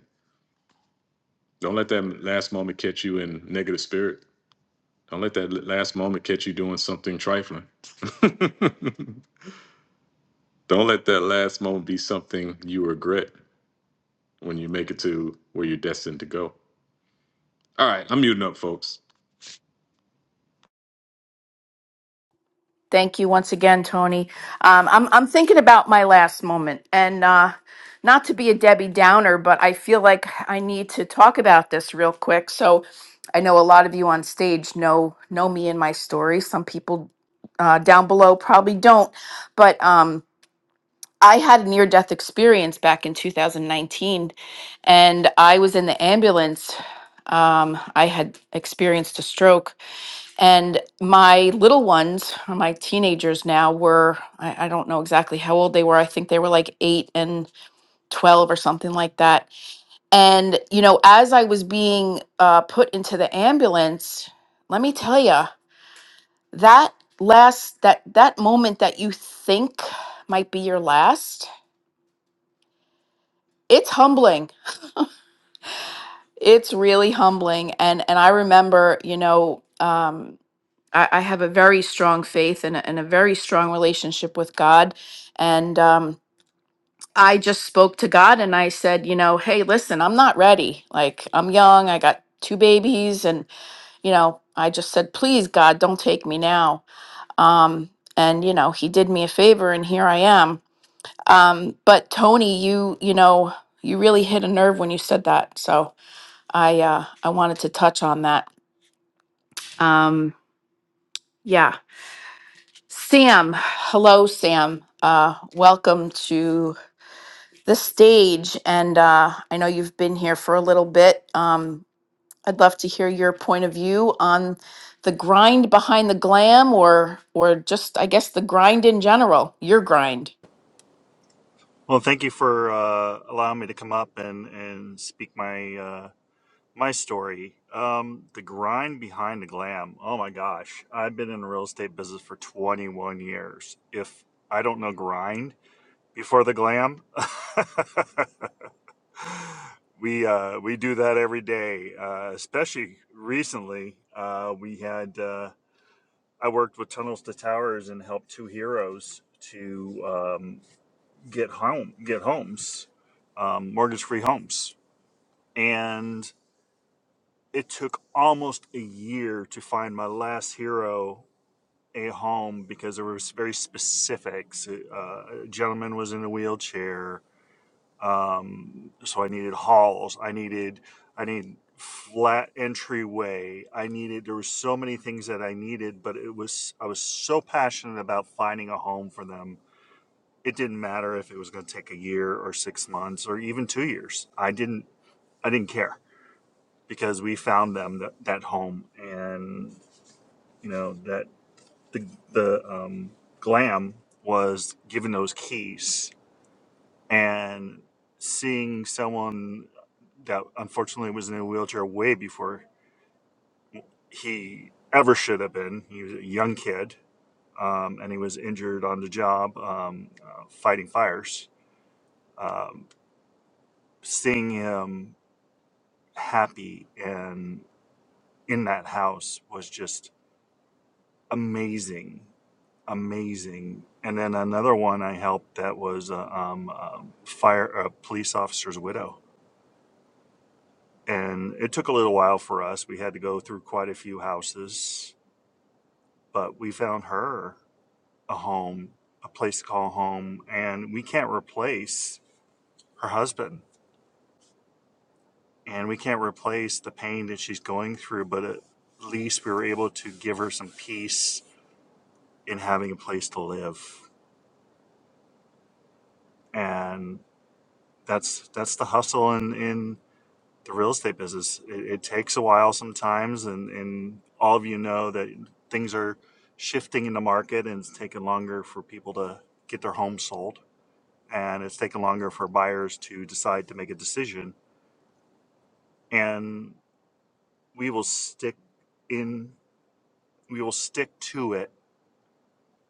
Don't let that last moment catch you in negative spirit. Don't let that last moment catch you doing something trifling. Don't let that last moment be something you regret when you make it to where you're destined to go. All right, I'm muting up, folks.
Thank you once again, Tony. Um, I'm I'm thinking about my last moment, and uh, not to be a Debbie Downer, but I feel like I need to talk about this real quick. So, I know a lot of you on stage know know me and my story. Some people uh, down below probably don't, but um, I had a near death experience back in 2019, and I was in the ambulance. Um, I had experienced a stroke, and my little ones, or my teenagers now, were I, I don't know exactly how old they were. I think they were like eight and 12 or something like that. And, you know, as I was being uh, put into the ambulance, let me tell you, that last, that, that moment that you think might be your last, it's humbling. It's really humbling. And, and I remember, you know, um, I, I have a very strong faith and a, and a very strong relationship with God. And um, I just spoke to God and I said, you know, hey, listen, I'm not ready. Like, I'm young, I got two babies. And, you know, I just said, please, God, don't take me now. Um, and, you know, He did me a favor and here I am. Um, but Tony, you, you know, you really hit a nerve when you said that. So I, uh, I wanted to touch on that. Um, yeah. Sam, hello, Sam. Uh, welcome to the stage. And uh, I know you've been here for a little bit. Um, I'd love to hear your point of view on the grind behind the glam or or just I guess the grind in general, your grind.
Well, thank you for uh, allowing me to come up and and speak my uh, my story. Um, the grind behind the glam. Oh my gosh, I've been in the real estate business for 21 years. If I don't know grind before the glam, we uh, we do that every day. Uh, especially recently, uh, we had uh, I worked with Tunnels to Towers and helped two heroes to um, get home get homes, um, mortgage free homes and it took almost a year to find my last hero a home because there was very specifics. Uh, a gentleman was in a wheelchair, um, so I needed halls. I needed I needed flat entryway. I needed there were so many things that I needed, but it was I was so passionate about finding a home for them. It didn't matter if it was going to take a year or six months or even two years. I didn't I didn't care because we found them that, that home and you know that the the um, glam was given those keys and seeing someone that unfortunately was in a wheelchair way before he ever should have been he was a young kid um, and he was injured on the job um, uh, fighting fires um, seeing him happy and in that house was just amazing amazing. And then another one I helped that was a um, um, fire a police officer's widow, and it took a little while for us. We had to go through quite a few houses, but we found her a home, a place to call home, and we can't replace her husband, and we can't replace the pain that she's going through, but at least we were able to give her some peace in having a place to live, and that's that's the hustle in in the real estate business. It, it takes a while sometimes, and, and all of you know that things are shifting in the market, and it's taken longer for people to get their homes sold, and it's taken longer for buyers to decide to make a decision. And we will stick in, we will stick to it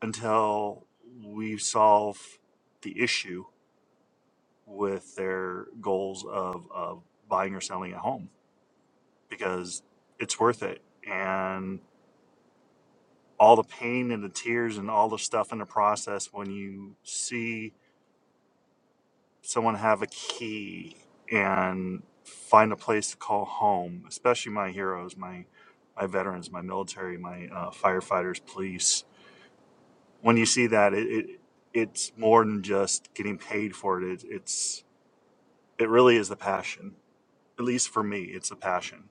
until we solve the issue with their goals of, of buying or selling a home because it's worth it. And all the pain and the tears and all the stuff in the process when you see someone have a key and find a place to call home, especially my heroes, my my veterans, my military, my uh, firefighters, police. When you see that, it, it it's more than just getting paid for it. it. It's it really is the passion. At least for me, it's a passion.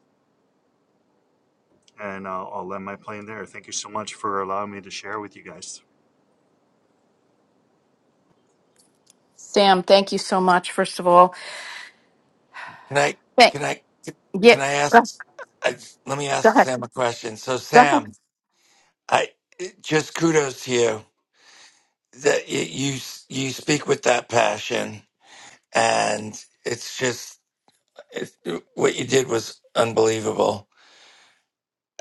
And I'll, I'll land my plane there. Thank you so much for allowing me to share with you guys.
Sam, thank you so much, first of all.
Can I
Thank
can I
yeah.
can I ask
Go
I, let me
go
ask
ahead.
Sam a question. So
Go ahead.
Sam, I just kudos to you that y- you you speak with that passion and it's just it, what you did was unbelievable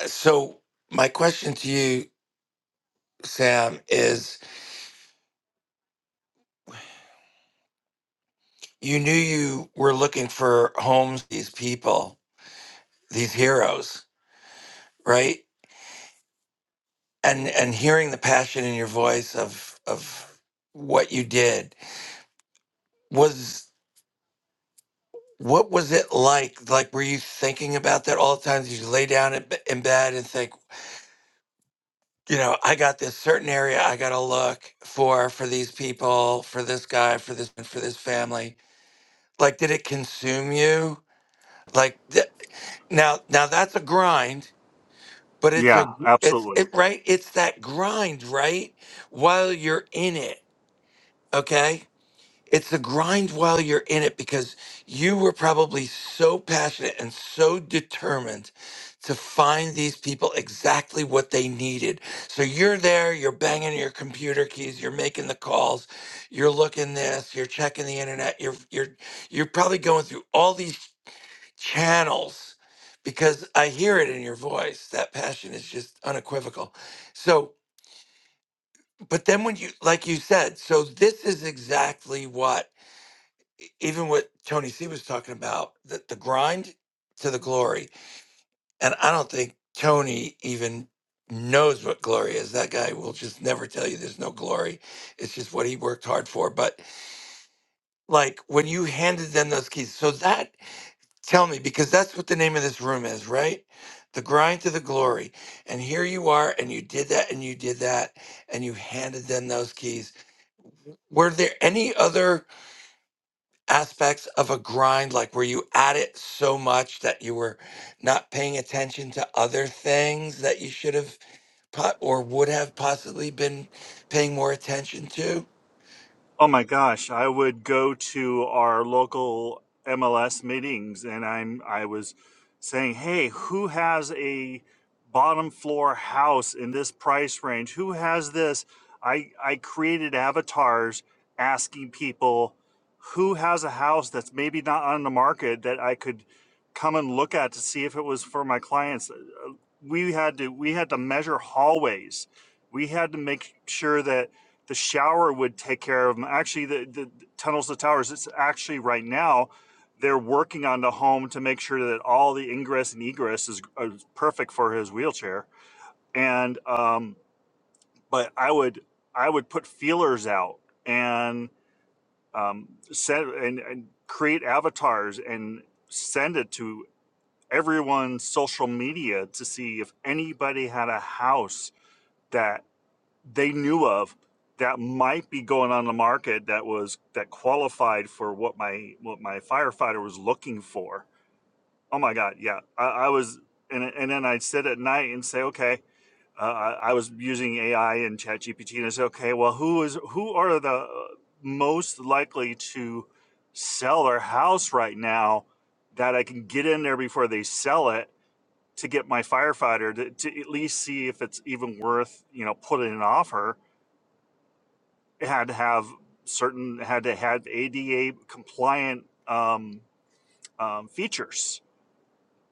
So, my question to you, Sam, is you knew you were looking for homes, these people, these heroes, right? And and hearing the passion in your voice of of what you did was what was it like? Like, were you thinking about that all the time? Did you lay down in b- in bed and think, you know, I got this certain area I got to look for for these people, for this guy, for this for this family? Like, did it consume you? like Now, now that's a grind, but it's
Yeah,
a it's
absolutely.
it right. It's that grind, right? While you're in it, okay. It's the grind while you're in it because you were probably so passionate and so determined to find these people exactly what they needed. So you're there, you're banging your computer keys, you're making the calls, you're looking this, you're checking the internet, you're you're you're probably going through all these channels because I hear it in your voice. That passion is just unequivocal. So, but then when you, like you said, so this is exactly what, e- even what Tony C was talking about, the, the grind to the glory. And I don't think Tony even knows what glory is. That guy will just never tell you there's no glory. It's just what he worked hard for. But like when you handed them those keys, so that Tell me, because that's what the name of this room is, right? The grind to the glory. And here you are, and you did that, and you did that, and you handed them those keys. Were there any other aspects of a grind, like were you at it so much that you were not paying attention to other things that you should have po- or would have possibly been paying more attention to?
Oh my gosh, I would go to our local MLS meetings and I'm I was saying, "Hey, who has a bottom floor house in this price range? Who has this?" I I created avatars asking people who has a house that's maybe not on the market that I could come and look at to see if it was for my clients. Uh, We had to we had to measure hallways. We had to make sure that the shower would take care of them. Actually, the, the tunnels to towers, it's actually right now, they're working on the home to make sure that all the ingress and egress is, is perfect for his wheelchair. And, um, but I would, I would put feelers out and, um, send and, and create avatars and send it to everyone's social media to see if anybody had a house that they knew of that might be going on the market that was that qualified for what my what my firefighter was looking for. Oh my God, yeah, I, I was, and and then I'd sit at night and say, okay, uh, I I was using AI and ChatGPT, and I said, okay, well, who is who are the uh, most likely to sell their house right now that I can get in there before they sell it to get my firefighter to, to at least see if it's even worth you know putting an offer had to have certain had to have ADA compliant um, um, features.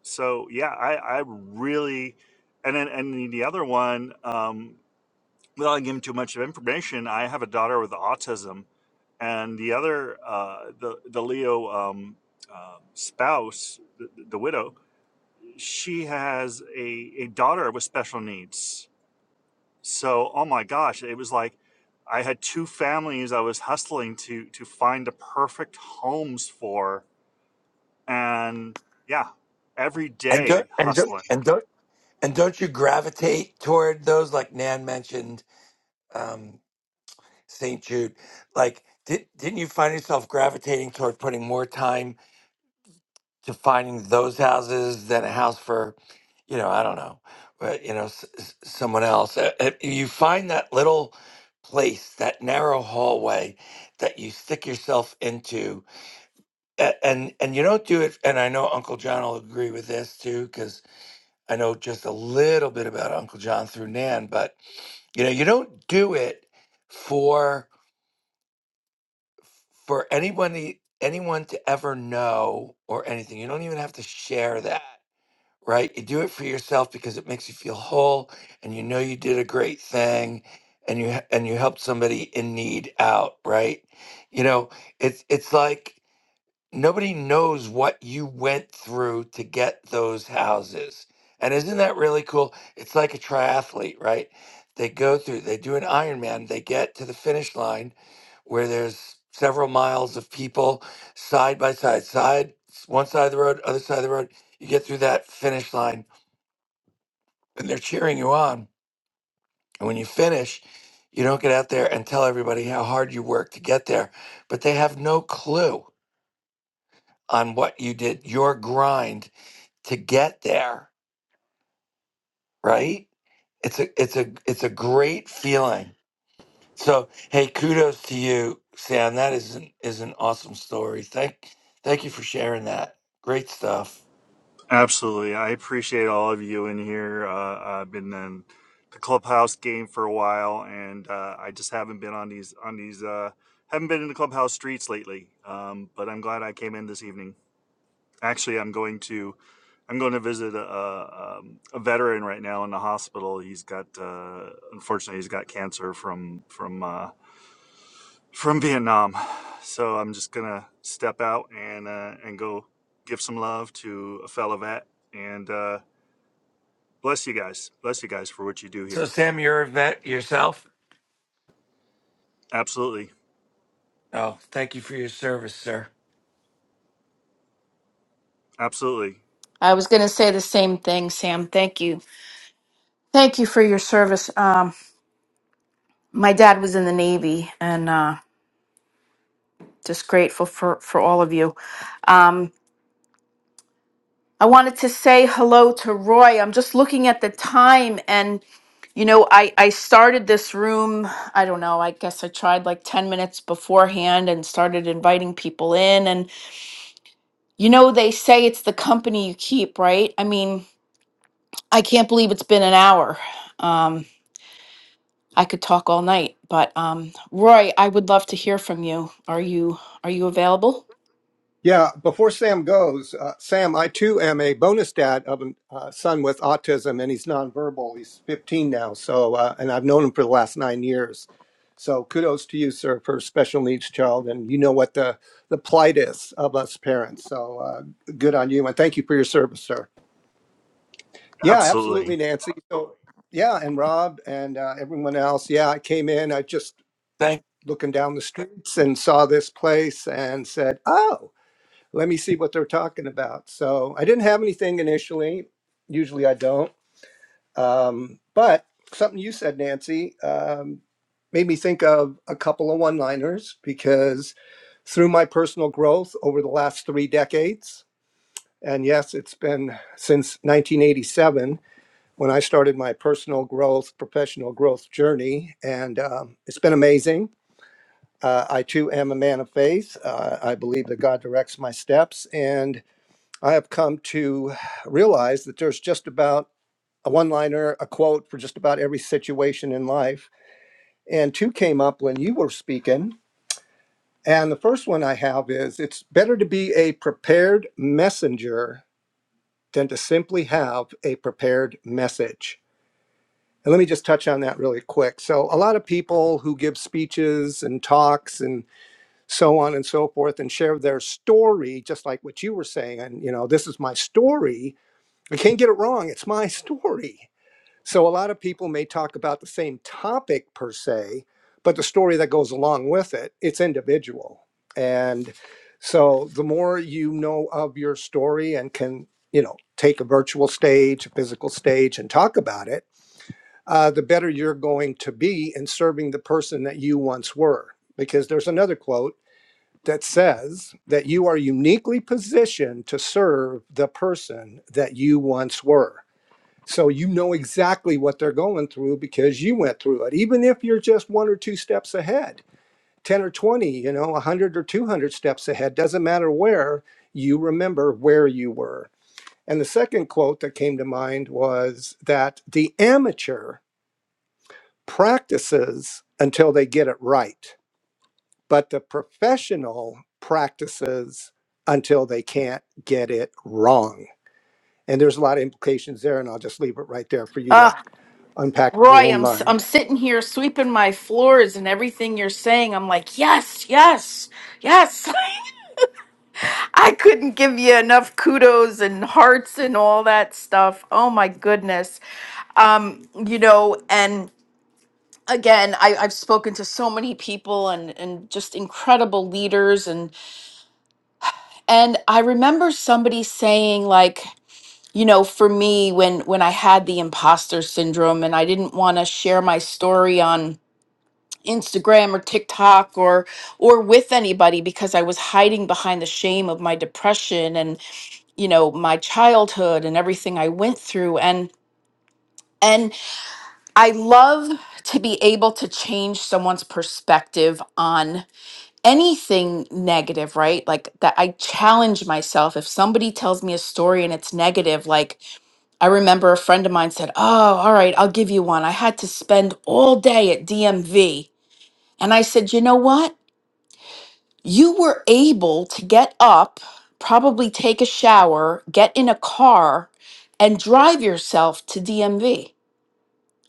So yeah, I, I really and then and the other one um, without giving too much of information, I have a daughter with autism, and the other uh, the the Leo um, uh, spouse, the, the widow, she has a, a daughter with special needs. So, oh my gosh, it was like I had two families I was hustling to to find the perfect homes for, and yeah, every
And don't
day
and don't
hustling.
and don't and don't you gravitate toward those, like Nan mentioned? Um, St. Jude. Like, did, didn't you find yourself gravitating toward putting more time to finding those houses than a house for, you know, I don't know, but, you know, s- s- someone else? Uh, uh, You find that little place, that narrow hallway that you stick yourself into. A- And and you don't do it. And I know Uncle John will agree with this too, because I know just a little bit about Uncle John through Nan. But you know, you don't do it for for anybody anyone to ever know or anything. You don't even have to share that, right? You do it for yourself because it makes you feel whole and you know you did a great thing and you and you helped somebody in need out, right? You know, it's it's like nobody knows what you went through to get those houses. And isn't that really cool? It's like a triathlete, right? They go through, they do an Ironman, they get to the finish line where there's several miles of people side by side, side, one side of the road, other side of the road. You get through that finish line and they're cheering you on. And when you finish, you don't get out there and tell everybody how hard you worked to get there, but they have no clue on what you did, your grind to get there, right? It's a it's a it's a great feeling. So hey, kudos to you, Sam. That is an is an awesome story. Thank thank you for sharing that. Great stuff.
Absolutely, I appreciate all of you in here. Uh, I've been in the clubhouse game for a while, and uh, I just haven't been on these on these uh, haven't been in the clubhouse streets lately. Um, but I'm glad I came in this evening. Actually, I'm going to I'm going to visit a, a, um, a veteran right now in the hospital. He's got uh, unfortunately he's got cancer from from uh, from Vietnam. So I'm just gonna step out and uh, and go give some love to a fellow vet and uh, bless you guys. Bless you guys for what you do
So
here.
Sam, you're a vet yourself.
Absolutely,
Oh, thank you for your service, sir.
absolutely,
I was gonna say the same thing, Sam. Thank you. Thank you for your service. Um, my dad was in the Navy and uh just grateful for for all of you. Um, I wanted to say hello to Roy. I'm just looking at the time, and you know, I I started this room. I don't know. I guess I tried like ten minutes beforehand and started inviting people in. And you know, they say it's the company you keep, right? I mean, I can't believe it's been an hour. Um, I could talk all night, but um, Roy, I would love to hear from you. Are you are you available?
Yeah, before Sam goes, uh, Sam, I too am a bonus dad of a uh, son with autism, and he's nonverbal. He's 15 now, so uh, and I've known him for the last nine years. So kudos to you, sir, for a special needs child, and you know what the the plight is of us parents. So uh, good on you, and thank you for your service, sir. Yeah,
absolutely.
absolutely, Nancy. So yeah, and Rob and uh, everyone else. Yeah, I came in. I just
Thank
looking down the streets and saw this place and said, oh let me see what they're talking about. So I didn't have anything initially. Usually I don't. Um, but something you said, Nancy, um, made me think of a couple of one liners because through my personal growth over the last three decades, and yes, it's been since 1987 when I started my personal growth, professional growth journey, and um, it's been amazing. Uh, I too am a man of faith. Uh, I believe that God directs my steps, and I have come to realize that there's just about a one liner, a quote for just about every situation in life. And two came up when you were speaking. And the first one I have is it's better to be a prepared messenger than to simply have a prepared message. And let me just touch on that really quick. So, a lot of people who give speeches and talks and so on and so forth and share their story, just like what you were saying, and you know, this is my story I can't get it wrong. It's my story. So a lot of people may talk about the same topic per se, but the story that goes along with it, it's individual. And so the more you know of your story and can, you know, take a virtual stage, a physical stage and talk about it, uh, the better you're going to be in serving the person that you once were. Because there's another quote that says that you are uniquely positioned to serve the person that you once were. So you know exactly what they're going through because you went through it. Even if you're just one or two steps ahead, 10 or 20, you know, 100 or 200 steps ahead, doesn't matter where, you remember where you were. And the second quote that came to mind was that the amateur practices until they get it right, but the professional practices until they can't get it wrong. And there's a lot of implications there, and I'll just leave it right there for you to unpack in your
Roy,
own
I'm s-
mind.
I'm sitting here sweeping my floors and everything you're saying. I'm like, yes, yes, yes. I couldn't give you enough kudos and hearts and all that stuff. Oh my goodness. Um, you know, and again, I, I've spoken to so many people and and just incredible leaders and and I remember somebody saying like you know for me when when i had the imposter syndrome and i didn't want to share my story on Instagram or TikTok or or with anybody because I was hiding behind the shame of my depression and you know my childhood and everything I went through and and I love to be able to change someone's perspective on anything negative, right? Like that I challenge myself if somebody tells me a story and it's negative like I remember a friend of mine said, "Oh, all right, I'll give you one. I had to spend all day at DMV." And I said, "You know what? you were able to get up, probably take a shower, get in a car, and drive yourself to DMV.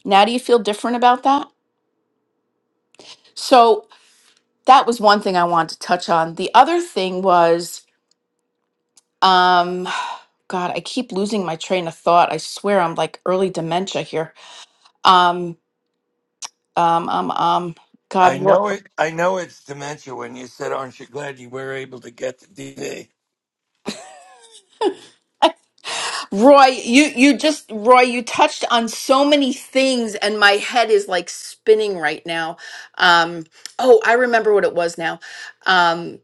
Now, do you feel different about that? So, that was one thing I wanted to touch on. The other thing was, um, God, I keep losing my train of thought. I swear I'm like early dementia here. Um, um, um, um, God,
I
what?
know it I know it's dementia when you said aren't you glad you were able to get to DD?
Roy, you you just Roy, you touched on so many things, and my head is like spinning right now. Um, oh, I remember what it was now. Um,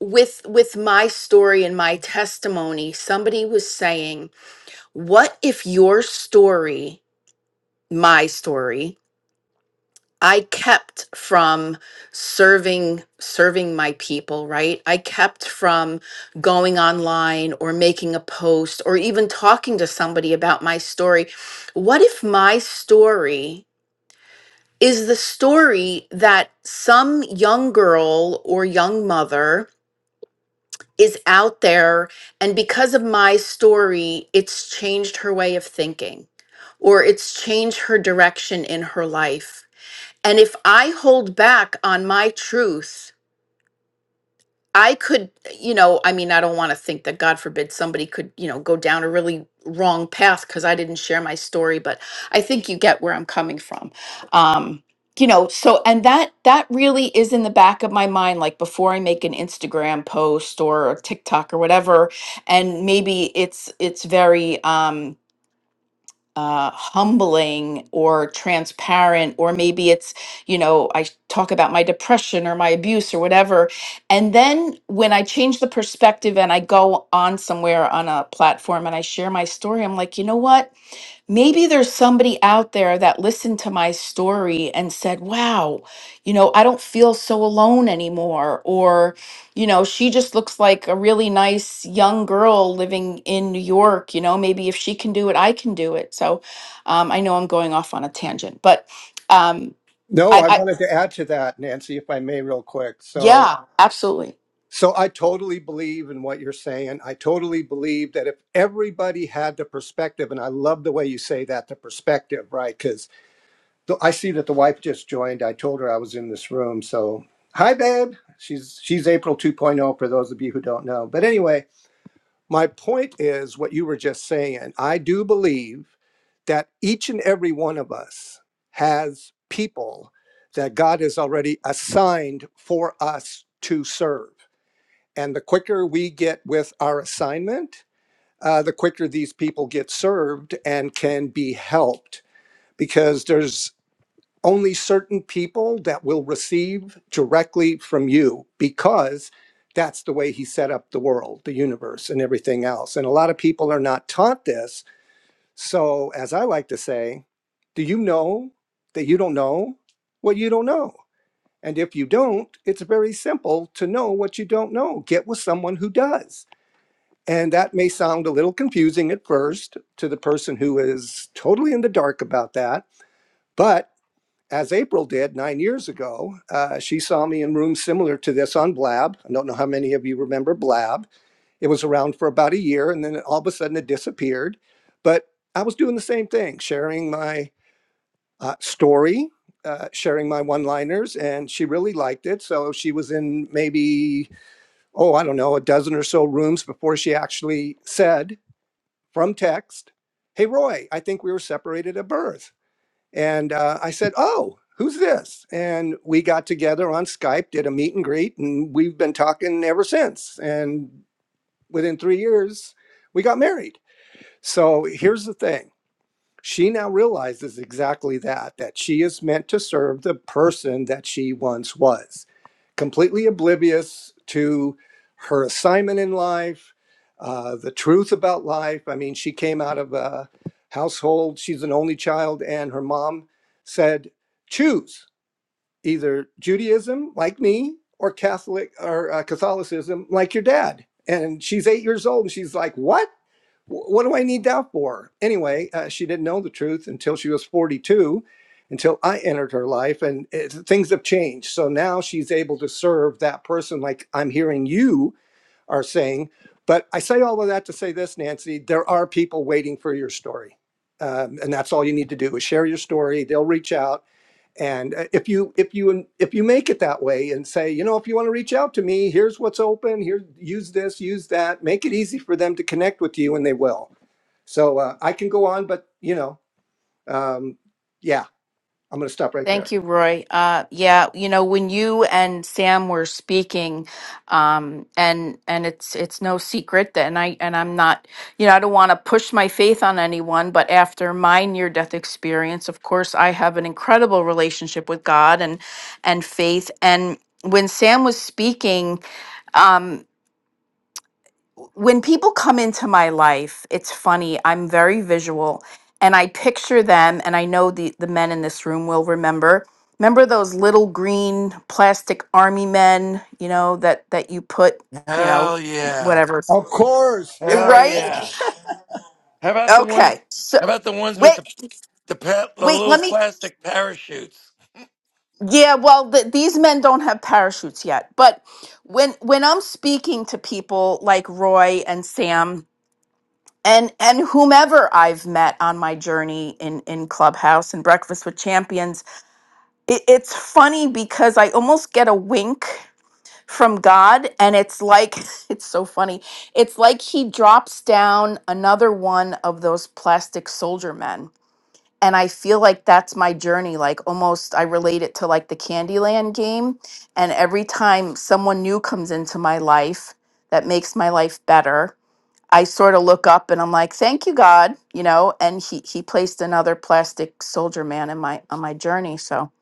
with with my story and my testimony, somebody was saying, "What if your story, my story?" I kept from serving serving my people, right? I kept from going online or making a post or even talking to somebody about my story. What if my story is the story that some young girl or young mother is out there and because of my story, it's changed her way of thinking or it's changed her direction in her life? And if I hold back on my truth, I could, you know, I mean, I don't want to think that God forbid somebody could, you know, go down a really wrong path because I didn't share my story, but I think you get where I'm coming from. Um, you know, so and that that really is in the back of my mind like before I make an Instagram post or a TikTok or whatever and maybe it's it's very um uh, humbling or transparent, or maybe it's, you know, I talk about my depression or my abuse or whatever. And then when I change the perspective and I go on somewhere on a platform and I share my story, I'm like, you know what? Maybe there's somebody out there that listened to my story and said, Wow, you know, I don't feel so alone anymore. Or, you know, she just looks like a really nice young girl living in New York. You know, maybe if she can do it, I can do it. So um, I know I'm going off on a tangent, but um,
No,
I,
I
I,
wanted to add to that, Nancy, if I may, real quick. So,
yeah, absolutely.
so I totally believe in what you're saying. I totally believe that if everybody had the perspective, and I love the way you say that, the perspective, right? Because I see that the wife just joined. I told her I was in this room. So, hi, babe. She's she's April 2.0 for those of you who don't know. But anyway, my point is what you were just saying. I do believe that each and every one of us has people that God has already assigned for us to serve. And the quicker we get with our assignment, uh, the quicker these people get served and can be helped. Because there's only certain people that will receive directly from you because that's the way he set up the world, the universe, and everything else. And a lot of people are not taught this. So, as I like to say, do you know that you don't know what you don't know? And if you don't, it's very simple to know what you don't know. Get with someone who does. And that may sound a little confusing at first to the person who is totally in the dark about that. But as April did nine years ago, uh, she saw me in rooms similar to this on Blab. I don't know how many of you remember Blab. It was around for about a year and then all of a sudden it disappeared. But I was doing the same thing, sharing my uh, story, uh, sharing my one liners, and she really liked it. So she was in maybe, oh, I don't know, a dozen or so rooms before she actually said from text, Hey, Roy, I think we were separated at birth. And uh, I said, Oh, who's this? And we got together on Skype, did a meet and greet, and we've been talking ever since. And within three years, we got married. So here's the thing. She now realizes exactly that, that she is meant to serve the person that she once was, completely oblivious to her assignment in life, uh, the truth about life. I mean, she came out of a household, she's an only child, and her mom said, Choose either Judaism, like me, or Catholic or uh, Catholicism, like your dad. And she's eight years old, and she's like, "What? What do I need that for?" Anyway, uh, she didn't know the truth until she was 42, until I entered her life, and it, things have changed. So now she's able to serve that person, like I'm hearing you are saying. But I say all of that to say this, Nancy: there are people waiting for your story, um, and that's all you need to do is share your story. They'll reach out and uh, if you if you if you make it that way and say, you know, if you want to reach out to me, here's what's open. Here, use this, use that. Make it easy for them to connect with you, and they will. So uh, I can go on, but you know, um, yeah, I'm going to stop right
Thank
there.
you, Roy. Uh, yeah, you know, when you and Sam were speaking, um, and and it's it's no secret that, and I and I'm not, you know, I don't want to push my faith on anyone, but after my near death experience, of course, I have an incredible relationship with God and and faith. And when Sam was speaking, um, when people come into my life, it's funny. I'm very visual and I picture them and I know the the men in this room will remember. Remember those little green plastic army men, you know, that that you put, you know,
Hell yeah.
whatever.
Of course,
Hell
yes. That
Right?
was-
yeah. How about the ones
Okay. So
how about the ones with
wait,
the the, pa- the
wait,
little
let me
plastic parachutes?
Yeah, well, th these men don't have parachutes yet. But when when I'm speaking to people like Roy and Sam and and whomever I've met on my journey in in Clubhouse and Breakfast with Champions, it, it's funny because I almost get a wink from God, and it's like it's so funny. It's like He drops down another one of those plastic soldier men, and I feel like that's my journey. Like almost, I relate it to like the Candyland game, and every time someone new comes into my life that makes my life better I sort of look up and I'm like, "Thank you, God," you know. And he he placed another plastic soldier man in my on my journey. So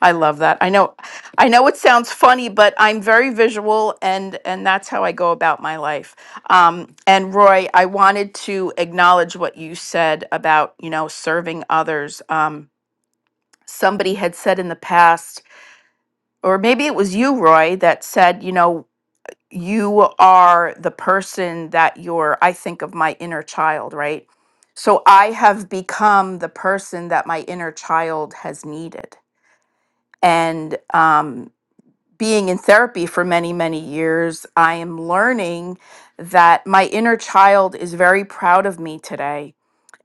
I love that. I know, I know it sounds funny, but I'm very visual, and and that's how I go about my life. Um, and Roy, I wanted to acknowledge what you said about you know serving others. Um, somebody had said in the past, or maybe it was you, Roy, that said, you know. you are the person that you're i think of my inner child right so i have become the person that my inner child has needed and um, being in therapy for many many years i am learning that my inner child is very proud of me today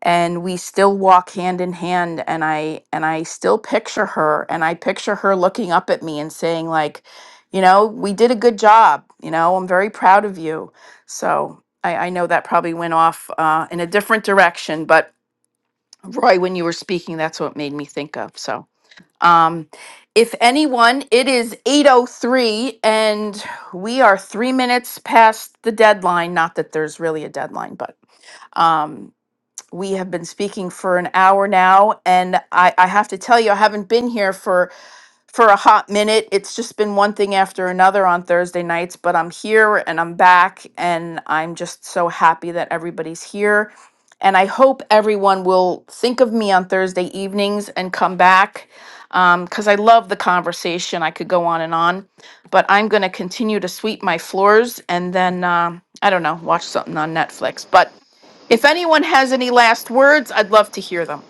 and we still walk hand in hand and i and i still picture her and i picture her looking up at me and saying like you know we did a good job you know i'm very proud of you so i i know that probably went off uh, in a different direction but roy when you were speaking that's what made me think of so um if anyone it is 803 and we are three minutes past the deadline not that there's really a deadline but um we have been speaking for an hour now, and I, I have to tell you, I haven't been here for for a hot minute. It's just been one thing after another on Thursday nights, but I'm here and I'm back, and I'm just so happy that everybody's here. And I hope everyone will think of me on Thursday evenings and come back because I love the conversation. I could go on and on, but I'm going to continue to sweep my floors and then, um, I don't know, watch something on Netflix. But if anyone has any last words, I'd love to hear them.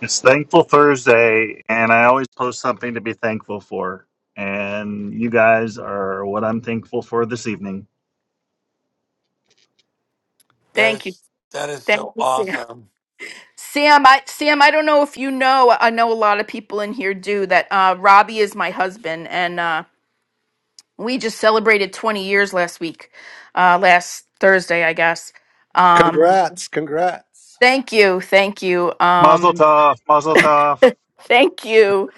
It's Thankful Thursday, and I always post something to be thankful for. And you guys are what I'm thankful for this evening.
That
Thank you.
is that is
Thank
so
you. Sam.
awesome.
Sam, I Sam, I don't know if you know. I know a lot of people in here do that. Uh, Robbie is my husband, and uh, we just celebrated 20 years last week, uh, last Thursday, I guess. Um,
Congrats, congrats.
thank you, thank you,
Mazel
um,
tov, mazel tov.
thank you,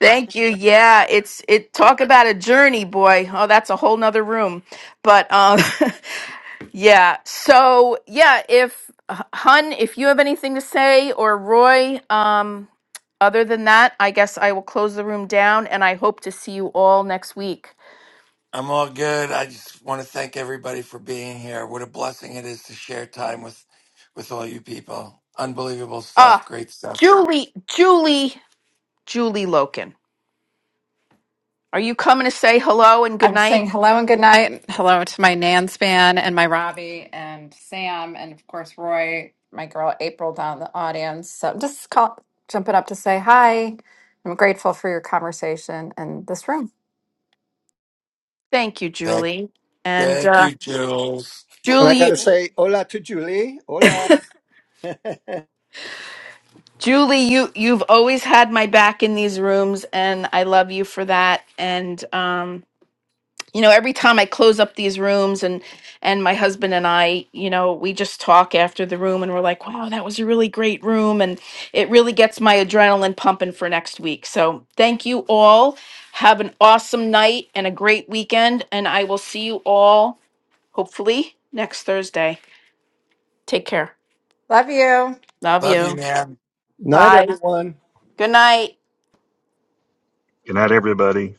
thank you. Yeah, it's it. Talk about a journey, boy. Oh, that's a whole nother room. But um, Yeah. So yeah, if H- Hun, if you have anything to say, or Roy, um, other than that, I guess I will close the room down, and I hope to see you all next week.
I'm all good. I just want to thank everybody for being here. What a blessing it is to share time with with all you people. Unbelievable stuff.
Ah,
Great stuff.
Julie, Julie, Julie Loken, are you coming to say hello and good
I'm
night?
saying hello and good night. Hello to my Nan Span and my Robbie and Sam and of course Roy, my girl April down in the audience. So I'm just call, jumping up to say hi. I'm grateful for your conversation and this room.
Thank you,
Thank,
Julie. And
thank
uh,
you, Jules.
And I
Julie,
got
you-
to say, hola to Julie. Hola.
Julie, you you've always had my back in these rooms, and I love you for that. And um, you know every time i close up these rooms and and my husband and i you know we just talk after the room and we're like wow that was a really great room and it really gets my adrenaline pumping for next week so thank you all have an awesome night and a great weekend and i will see you all hopefully next thursday take care
Love you.
love
Love you,
you
man.
Night,
bye
everyone.
good night
Good night, everybody.